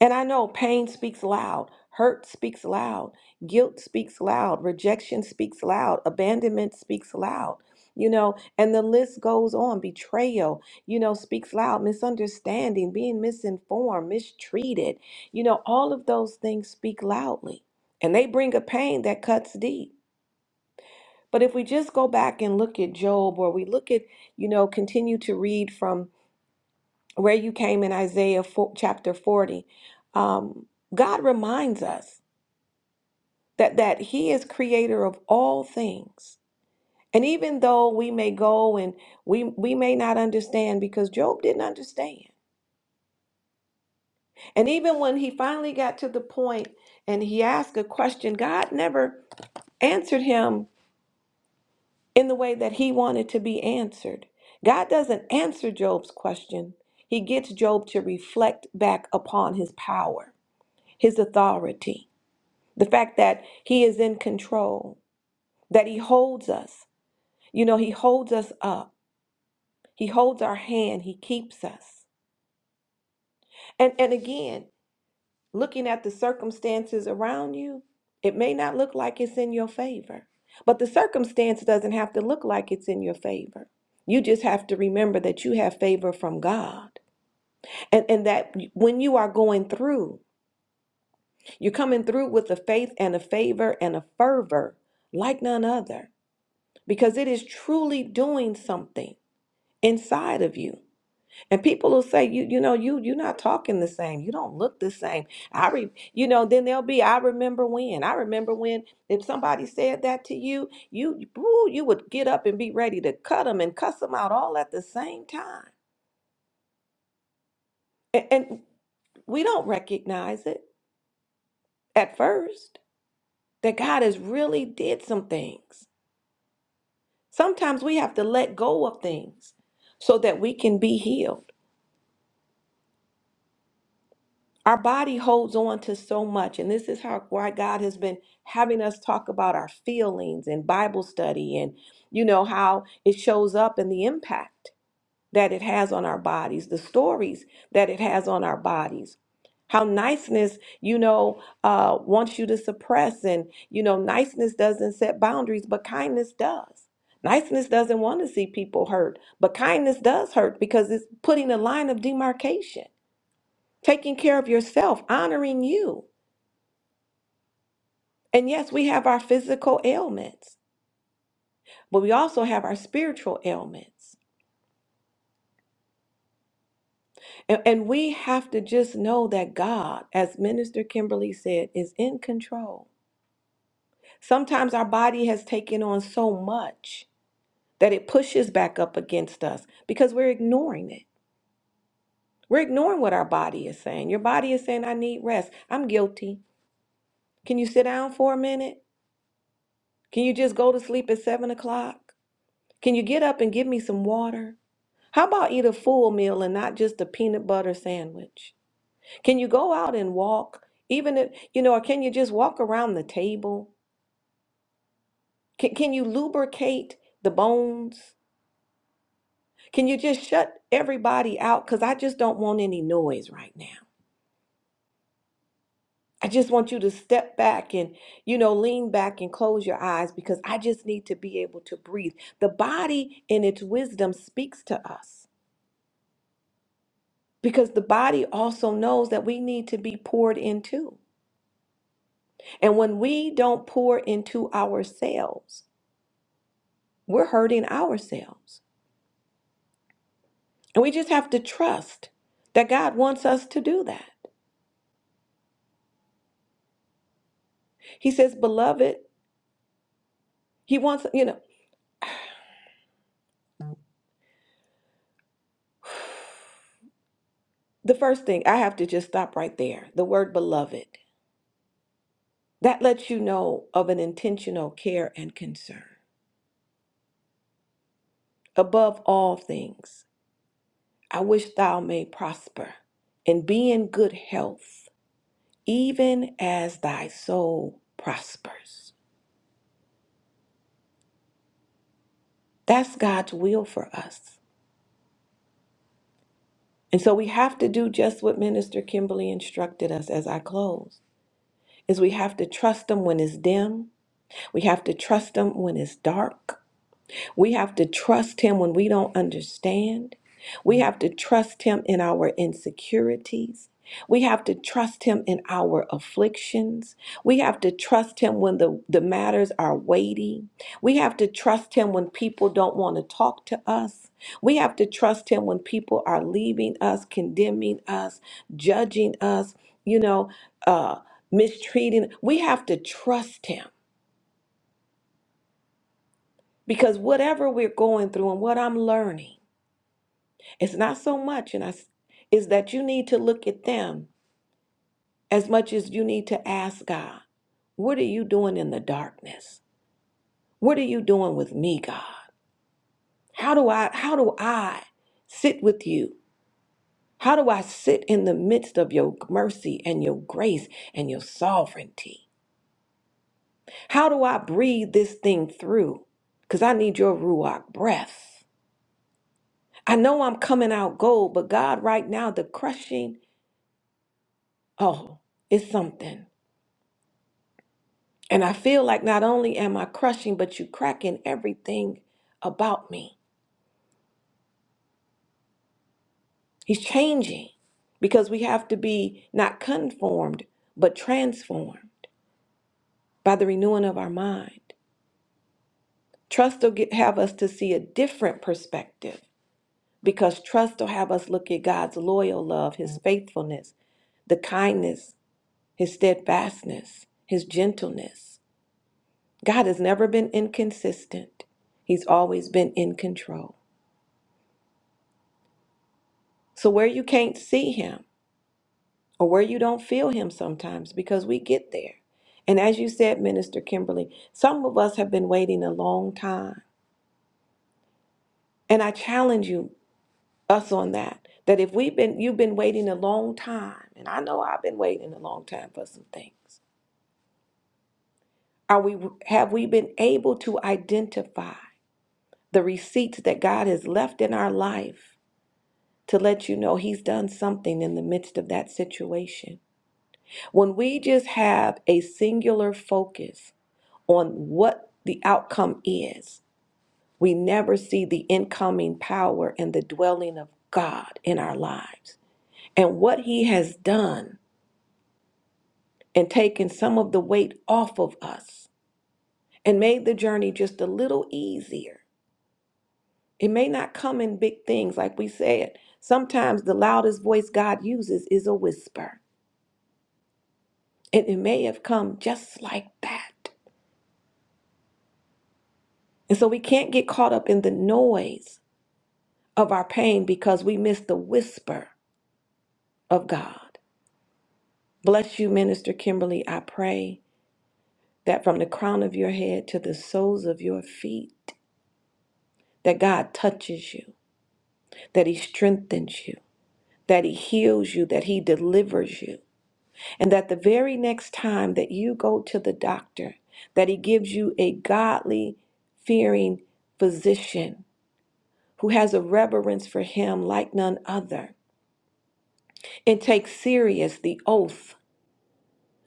S2: And I know pain speaks loud, hurt speaks loud, guilt speaks loud, rejection speaks loud, abandonment speaks loud. You know, and the list goes on. Betrayal, you know, speaks loud. Misunderstanding, being misinformed, mistreated, you know, all of those things speak loudly. And they bring a pain that cuts deep. But if we just go back and look at Job, or we look at, you know, continue to read from where you came in Isaiah 4, chapter 40, um, God reminds us that, that He is creator of all things. And even though we may go and we, we may not understand, because Job didn't understand. And even when he finally got to the point and he asked a question, God never answered him in the way that he wanted to be answered. God doesn't answer Job's question, He gets Job to reflect back upon his power, his authority The fact that He is in control, that He holds us. You know, He holds us up, He holds our hand, He keeps us. And, and again, looking at the circumstances around you, it may not look like it's in your favor, but the circumstance doesn't have to look like it's in your favor. You just have to remember that you have favor from God. And, and that when you are going through, you're coming through with a faith and a favor and a fervor like none other because it is truly doing something inside of you. And people will say, you you know, you you're not talking the same. You don't look the same. I re, you know, then there'll be I remember when. I remember when if somebody said that to you, you woo, you would get up and be ready to cut them and cuss them out all at the same time. A- and we don't recognize it at first that God has really did some things. Sometimes we have to let go of things so that we can be healed. Our body holds on to so much, and this is how why God has been having us talk about our feelings and Bible study, and you know how it shows up in the impact that it has on our bodies, the stories that it has on our bodies. How niceness, you know, uh, wants you to suppress, and you know, niceness doesn't set boundaries, but kindness does. Niceness doesn't want to see people hurt, but kindness does hurt because it's putting a line of demarcation taking care of yourself, honoring you. And yes, we have our physical ailments, but we also have our spiritual ailments. And, and we have to just know that God, as Minister Kimberly said, is in control. Sometimes our body has taken on so much that it pushes back up against us because we're ignoring it. We're ignoring what our body is saying. Your body is saying, I need rest. I'm guilty. Can you sit down for a minute? Can you just go to sleep at seven o'clock? Can you get up and give me some water? How about eat a full meal and not just a peanut butter sandwich? Can you go out and walk? Even if, you know, or can you just walk around the table? Can, can you lubricate the bones? Can you just shut everybody out? Because I just don't want any noise right now. I just want you to step back and, you know, lean back and close your eyes because I just need to be able to breathe. The body in its wisdom speaks to us. because the body also knows that we need to be poured into. And when we don't pour into ourselves, we're hurting ourselves. And we just have to trust that God wants us to do that. He says, beloved, He wants, you know, the first thing, I have to just stop right there. The word beloved, that lets you know of an intentional care and concern. Above all things, I wish thou may prosper and be in good health even as thy soul prospers. That's God's will for us. And so we have to do just what Minister Kimberly instructed us as I close. Is we have to trust him when it's dim. We have to trust him when it's dark. We have to trust Him when we don't understand. We have to trust Him in our insecurities. We have to trust Him in our afflictions. We have to trust Him when the, the matters are weighty. We have to trust Him when people don't want to talk to us. We have to trust Him when people are leaving us, condemning us, judging us, you know, uh, mistreating. We have to trust Him because whatever we're going through and what I'm learning, It's not so much, and I s- is that you need to look at them as much as you need to ask God, what are you doing in the darkness? What are you doing with me, God? How do I how do I sit with you? How do I sit in the midst of your mercy and your grace and your sovereignty? How do I breathe this thing through? Because I need your Ruach breath. I know I'm coming out gold, but God, right now, the crushing, oh, it's something. And I feel like not only am I crushing, but you cracking everything about me. He's changing because we have to be not conformed, but transformed by the renewing of our mind. Trust will get, have us to see a different perspective because trust will have us look at God's loyal love, His faithfulness, the kindness, His steadfastness, His gentleness. God has never been inconsistent, He's always been in control. So, where you can't see him or where you don't feel him sometimes, because we get there. And as you said, Minister Kimberly, some of us have been waiting a long time. And I challenge you, us on that, that if we've been, you've been waiting a long time, and I know I've been waiting a long time for some things. Are we, have we been able to identify the receipts that God has left in our life to let you know He's done something in the midst of that situation? When we just have a singular focus on what the outcome is, we never see the incoming power and the dwelling of God in our lives. And what He has done and taken some of the weight off of us and made the journey just a little easier. It may not come in big things, like we said. Sometimes the loudest voice God uses is a whisper, and it may have come just like that. And so we can't get caught up in the noise of our pain because we miss the whisper of God. Bless you, Minister Kimberly. I pray that from the crown of your head to the soles of your feet, that God touches you, that He strengthens you, that He heals you, that He delivers you, and that the very next time that you go to the doctor, that He gives you a godly, fearing physician who has a reverence for Him like none other and takes serious the oath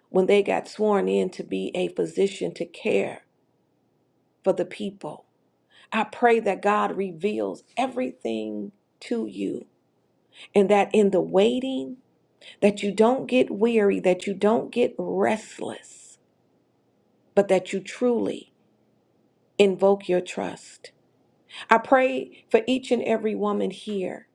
S2: when they got sworn in to be a physician to care for the people. I pray that God reveals everything to you and that in the waiting that you don't get weary, that you don't get restless, but that you truly invoke your trust. I pray for each and every woman here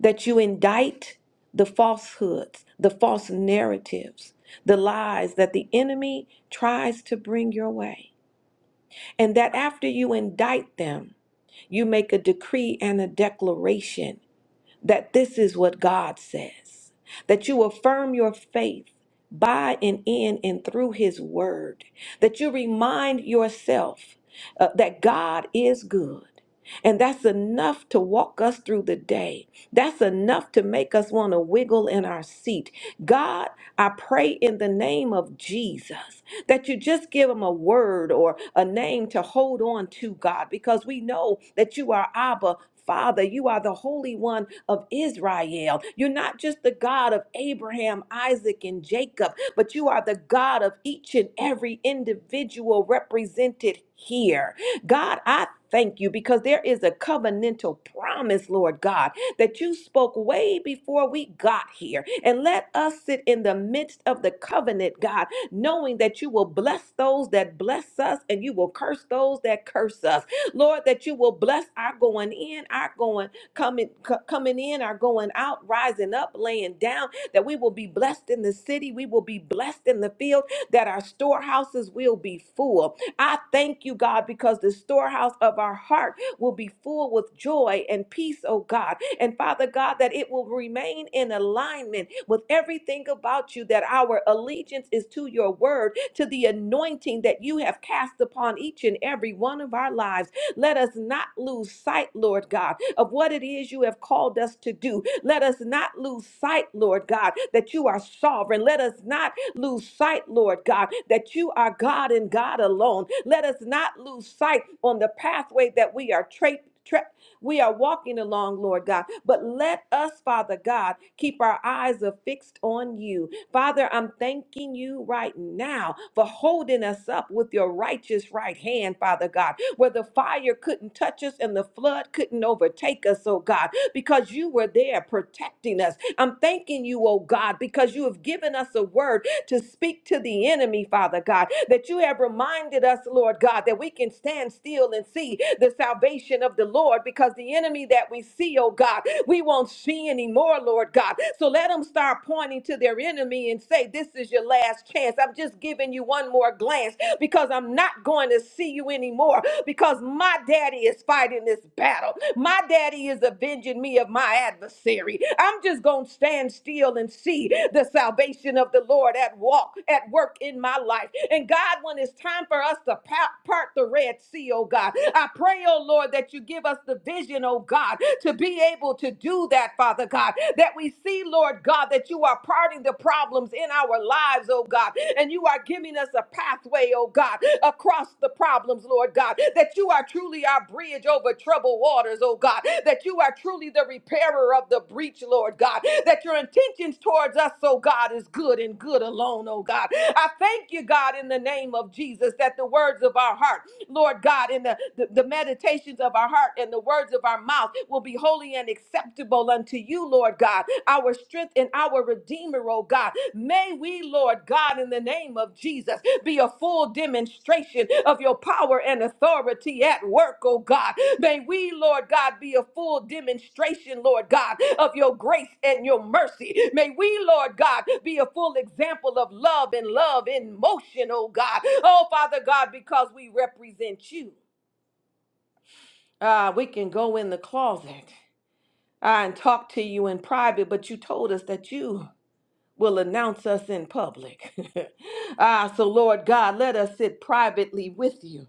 S2: that you indict the falsehoods, the false narratives, the lies that the enemy tries to bring your way and that after you indict them, you make a decree and a declaration that this is what God says, that you affirm your faith by and in and through His Word, that you remind yourself uh, that God is good. And that's enough to walk us through the day. That's enough to make us want to wiggle in our seat. God, I pray in the name of Jesus that you just give them a word or a name to hold on to, God, because we know that you are Abba. Father, you are the Holy One of Israel. You're not just the God of Abraham, Isaac, and Jacob, but you are the God of each and every individual represented here. God, I thank you because there is a covenantal promise, Lord God, that you spoke way before we got here. And let us sit in the midst of the covenant, God, knowing that you will bless those that bless us and you will curse those that curse us. Lord, that you will bless our going in, our going coming co- coming in, our going out, rising up, laying down, that we will be blessed in the city, we will be blessed in the field, that our storehouses will be full. I thank you, God, because the storehouse of our heart will be full with joy and peace, oh God, and Father God, that it will remain in alignment with everything about you, that our allegiance is to your word, to the anointing that you have cast upon each and every one of our lives. Let us not lose sight, Lord God, of what it is you have called us to do. Let us not lose sight, Lord God, that you are sovereign. Let us not lose sight, Lord God, that you are God and God alone. Let us not lose sight on the pathway that we are tra- tra- we are walking along, Lord God. But let us, Father God, keep our eyes affixed on you. Father, I'm thanking you right now for holding us up with your righteous right hand, Father God, where the fire couldn't touch us and the flood couldn't overtake us, oh God, because you were there protecting us. I'm thanking you, oh God, because you have given us a word to speak to the enemy, Father God, that you have reminded us, Lord God, that we can stand still and see the salvation of the Lord because the enemy that we see, oh God, we won't see anymore, Lord God. So let them start pointing to their enemy and say, This is your last chance. I'm just giving you one more glance because I'm not going to see you anymore because my daddy is fighting this battle. My daddy is avenging me of my adversary. I'm just going to stand still and see the salvation of the Lord at walk, at work in my life. And God, when it's time for us to pa- part the Red Sea, oh God, I pray, oh Lord, that you give us the vision, oh God, to be able to do that, Father God, that we see, Lord Lord God, that you are parting the problems in our lives, oh God, and you are giving us a pathway, oh God, across the problems, Lord God, that you are truly our bridge over troubled waters, oh God, that you are truly the repairer of the breach, Lord God, that your intentions towards us, oh God, is good and good alone, oh God. I thank you, God, in the name of Jesus, that the words of our heart Lord God, and the, the, the meditations of our heart and the words of our mouth will be holy and acceptable unto you, Lord God, our strength and our Redeemer, oh God. May we, Lord God, in the name of Jesus, be a full demonstration of your power and authority authority at work, oh God. May we, Lord God, be a full demonstration, Lord God, of your grace and your mercy. May we, Lord God, be a full example of love and love in motion, oh God. Oh, Father God, because we represent you. Ah, we can go in the closet ah, and talk to you in private, but you told us that you will announce us in public. ah, so Lord God, let us sit privately with you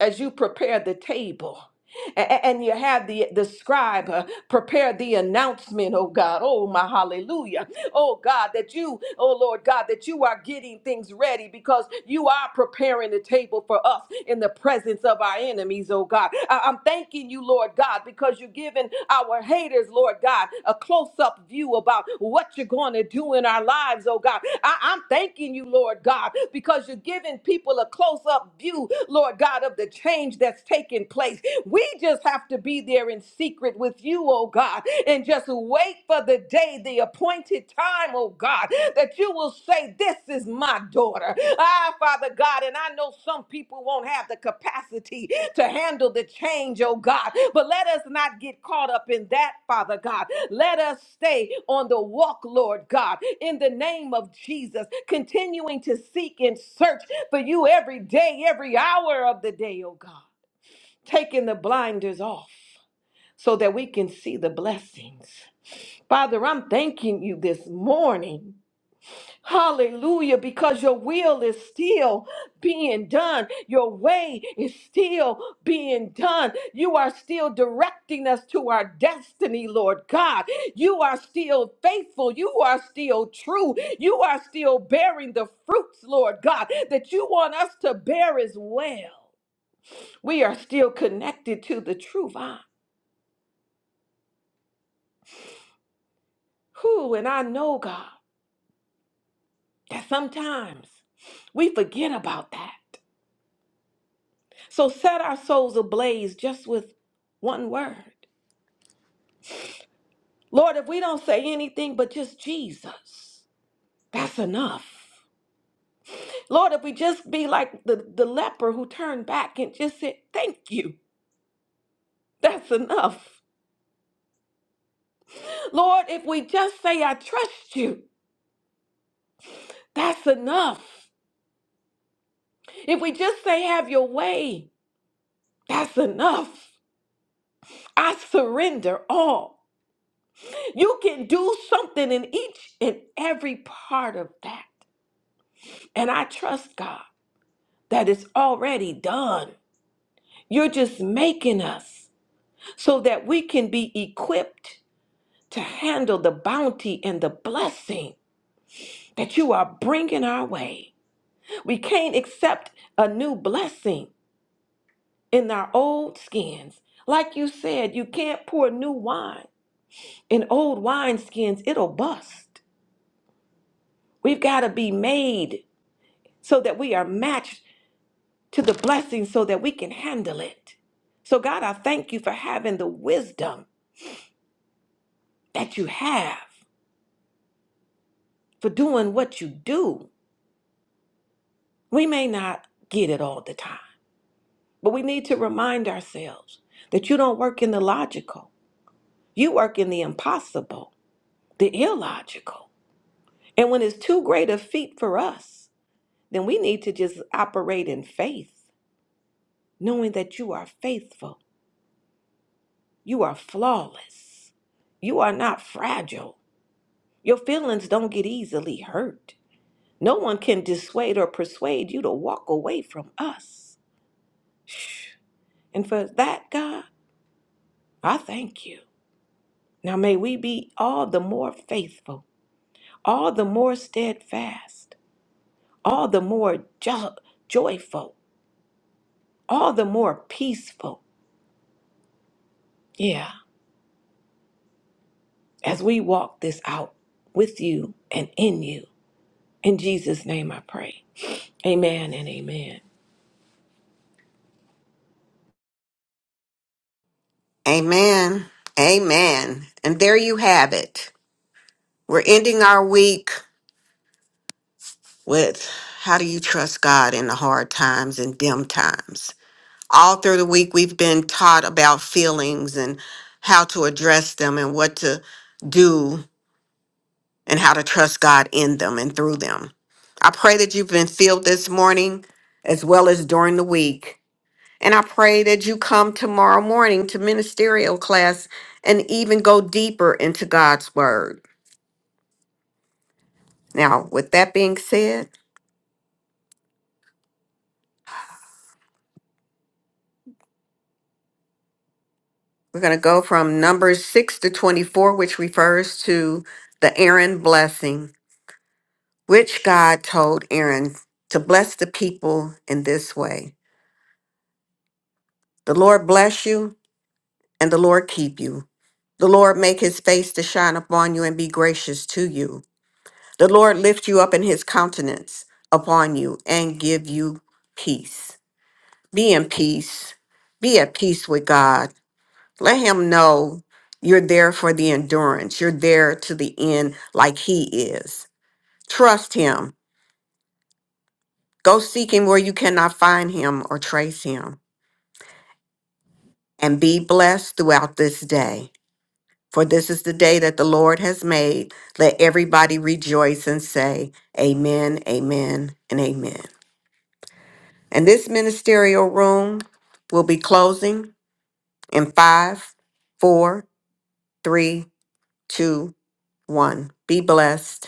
S2: as you prepare the table. A- a- And you have the, the scribe uh, prepare the announcement, oh God. Oh, my hallelujah oh God, that you, oh Lord God, that you are getting things ready because you are preparing the table for us in the presence of our enemies, oh God. I- I'm thanking you, Lord God, because you're giving our haters, Lord God, a close up view about what you're going to do in our lives, oh God. I- I'm thanking you, Lord God, because you're giving people a close up view, Lord God, of the change that's taking place. We just have to be there in secret with you, oh God, and just wait for the day, the appointed time, oh God, that you will say, This is my daughter. Ah, Father God, and I know some people won't have the capacity to handle the change, oh God, but let us not get caught up in that, Father God. Let us stay on the walk, Lord God, in the name of Jesus, continuing to seek and search for you every day, every hour of the day, oh God taking the blinders off so that we can see the blessings. Father, I'm thanking you this morning. Hallelujah, because your will is still being done. Your way is still being done. You are still directing us to our destiny, Lord God. You are still faithful. You are still true. You are still bearing the fruits, Lord God, that you want us to bear as well. We are still connected to the true vine. Whew, and I know, God, that sometimes we forget about that. So set our souls ablaze just with one word. Lord, if we don't say anything but just Jesus, that's enough. Lord, if we just be like the, the leper who turned back and just said, Thank you, that's enough. Lord, if we just say, I trust you, that's enough. If we just say, Have your way, that's enough. I surrender all. You can do something in each and every part of that. And I trust God that it's already done. You're just making us so that we can be equipped to handle the bounty and the blessing that you are bringing our way. We can't accept a new blessing in our old skins. Like you said, you can't pour new wine in old wineskins, it'll bust. We've got to be made so that we are matched to the blessing so that we can handle it. So, God, I thank you for having the wisdom that you have, for doing what you do. We may not get it all the time, but we need to remind ourselves that you don't work in the logical, you work in the impossible, the illogical. And when it's too great a feat for us, then we need to just operate in faith, knowing that you are faithful, you are flawless, you are not fragile. Your feelings don't get easily hurt. No one can dissuade or persuade you to walk away from us. And for that, God, I thank you. Now may we be all the more faithful, all the more steadfast, all the more jo- joyful, all the more peaceful. Yeah, as we walk this out with you and in you. In Jesus' name I pray. Amen and amen.
S1: Amen. Amen. And there you have it. We're ending our week with how do you trust God in the hard times and dim times? All through the week, we've been taught about feelings and how to address them and what to do and how to trust God in them and through them. I pray that you've been filled this morning as well as during the week. And I pray that you come tomorrow morning to ministerial class and even go deeper into God's word. Now, with that being said, we're going to go from Numbers 6 to 24, which refers to the Aaron blessing, which God told Aaron to bless the people in this way The Lord bless you, and the Lord keep you. The Lord make his face to shine upon you and be gracious to you. The Lord lift you up in his countenance upon you and give you peace. Be in peace. Be at peace with God. Let him know you're there for the endurance. You're there to the end like he is. Trust him. Go seek him where you cannot find him or trace him. And be blessed throughout this day. For this is the day that the Lord has made. Let everybody rejoice and say, Amen, Amen, and Amen. And this ministerial room will be closing in five, four, three, two, one. Be blessed.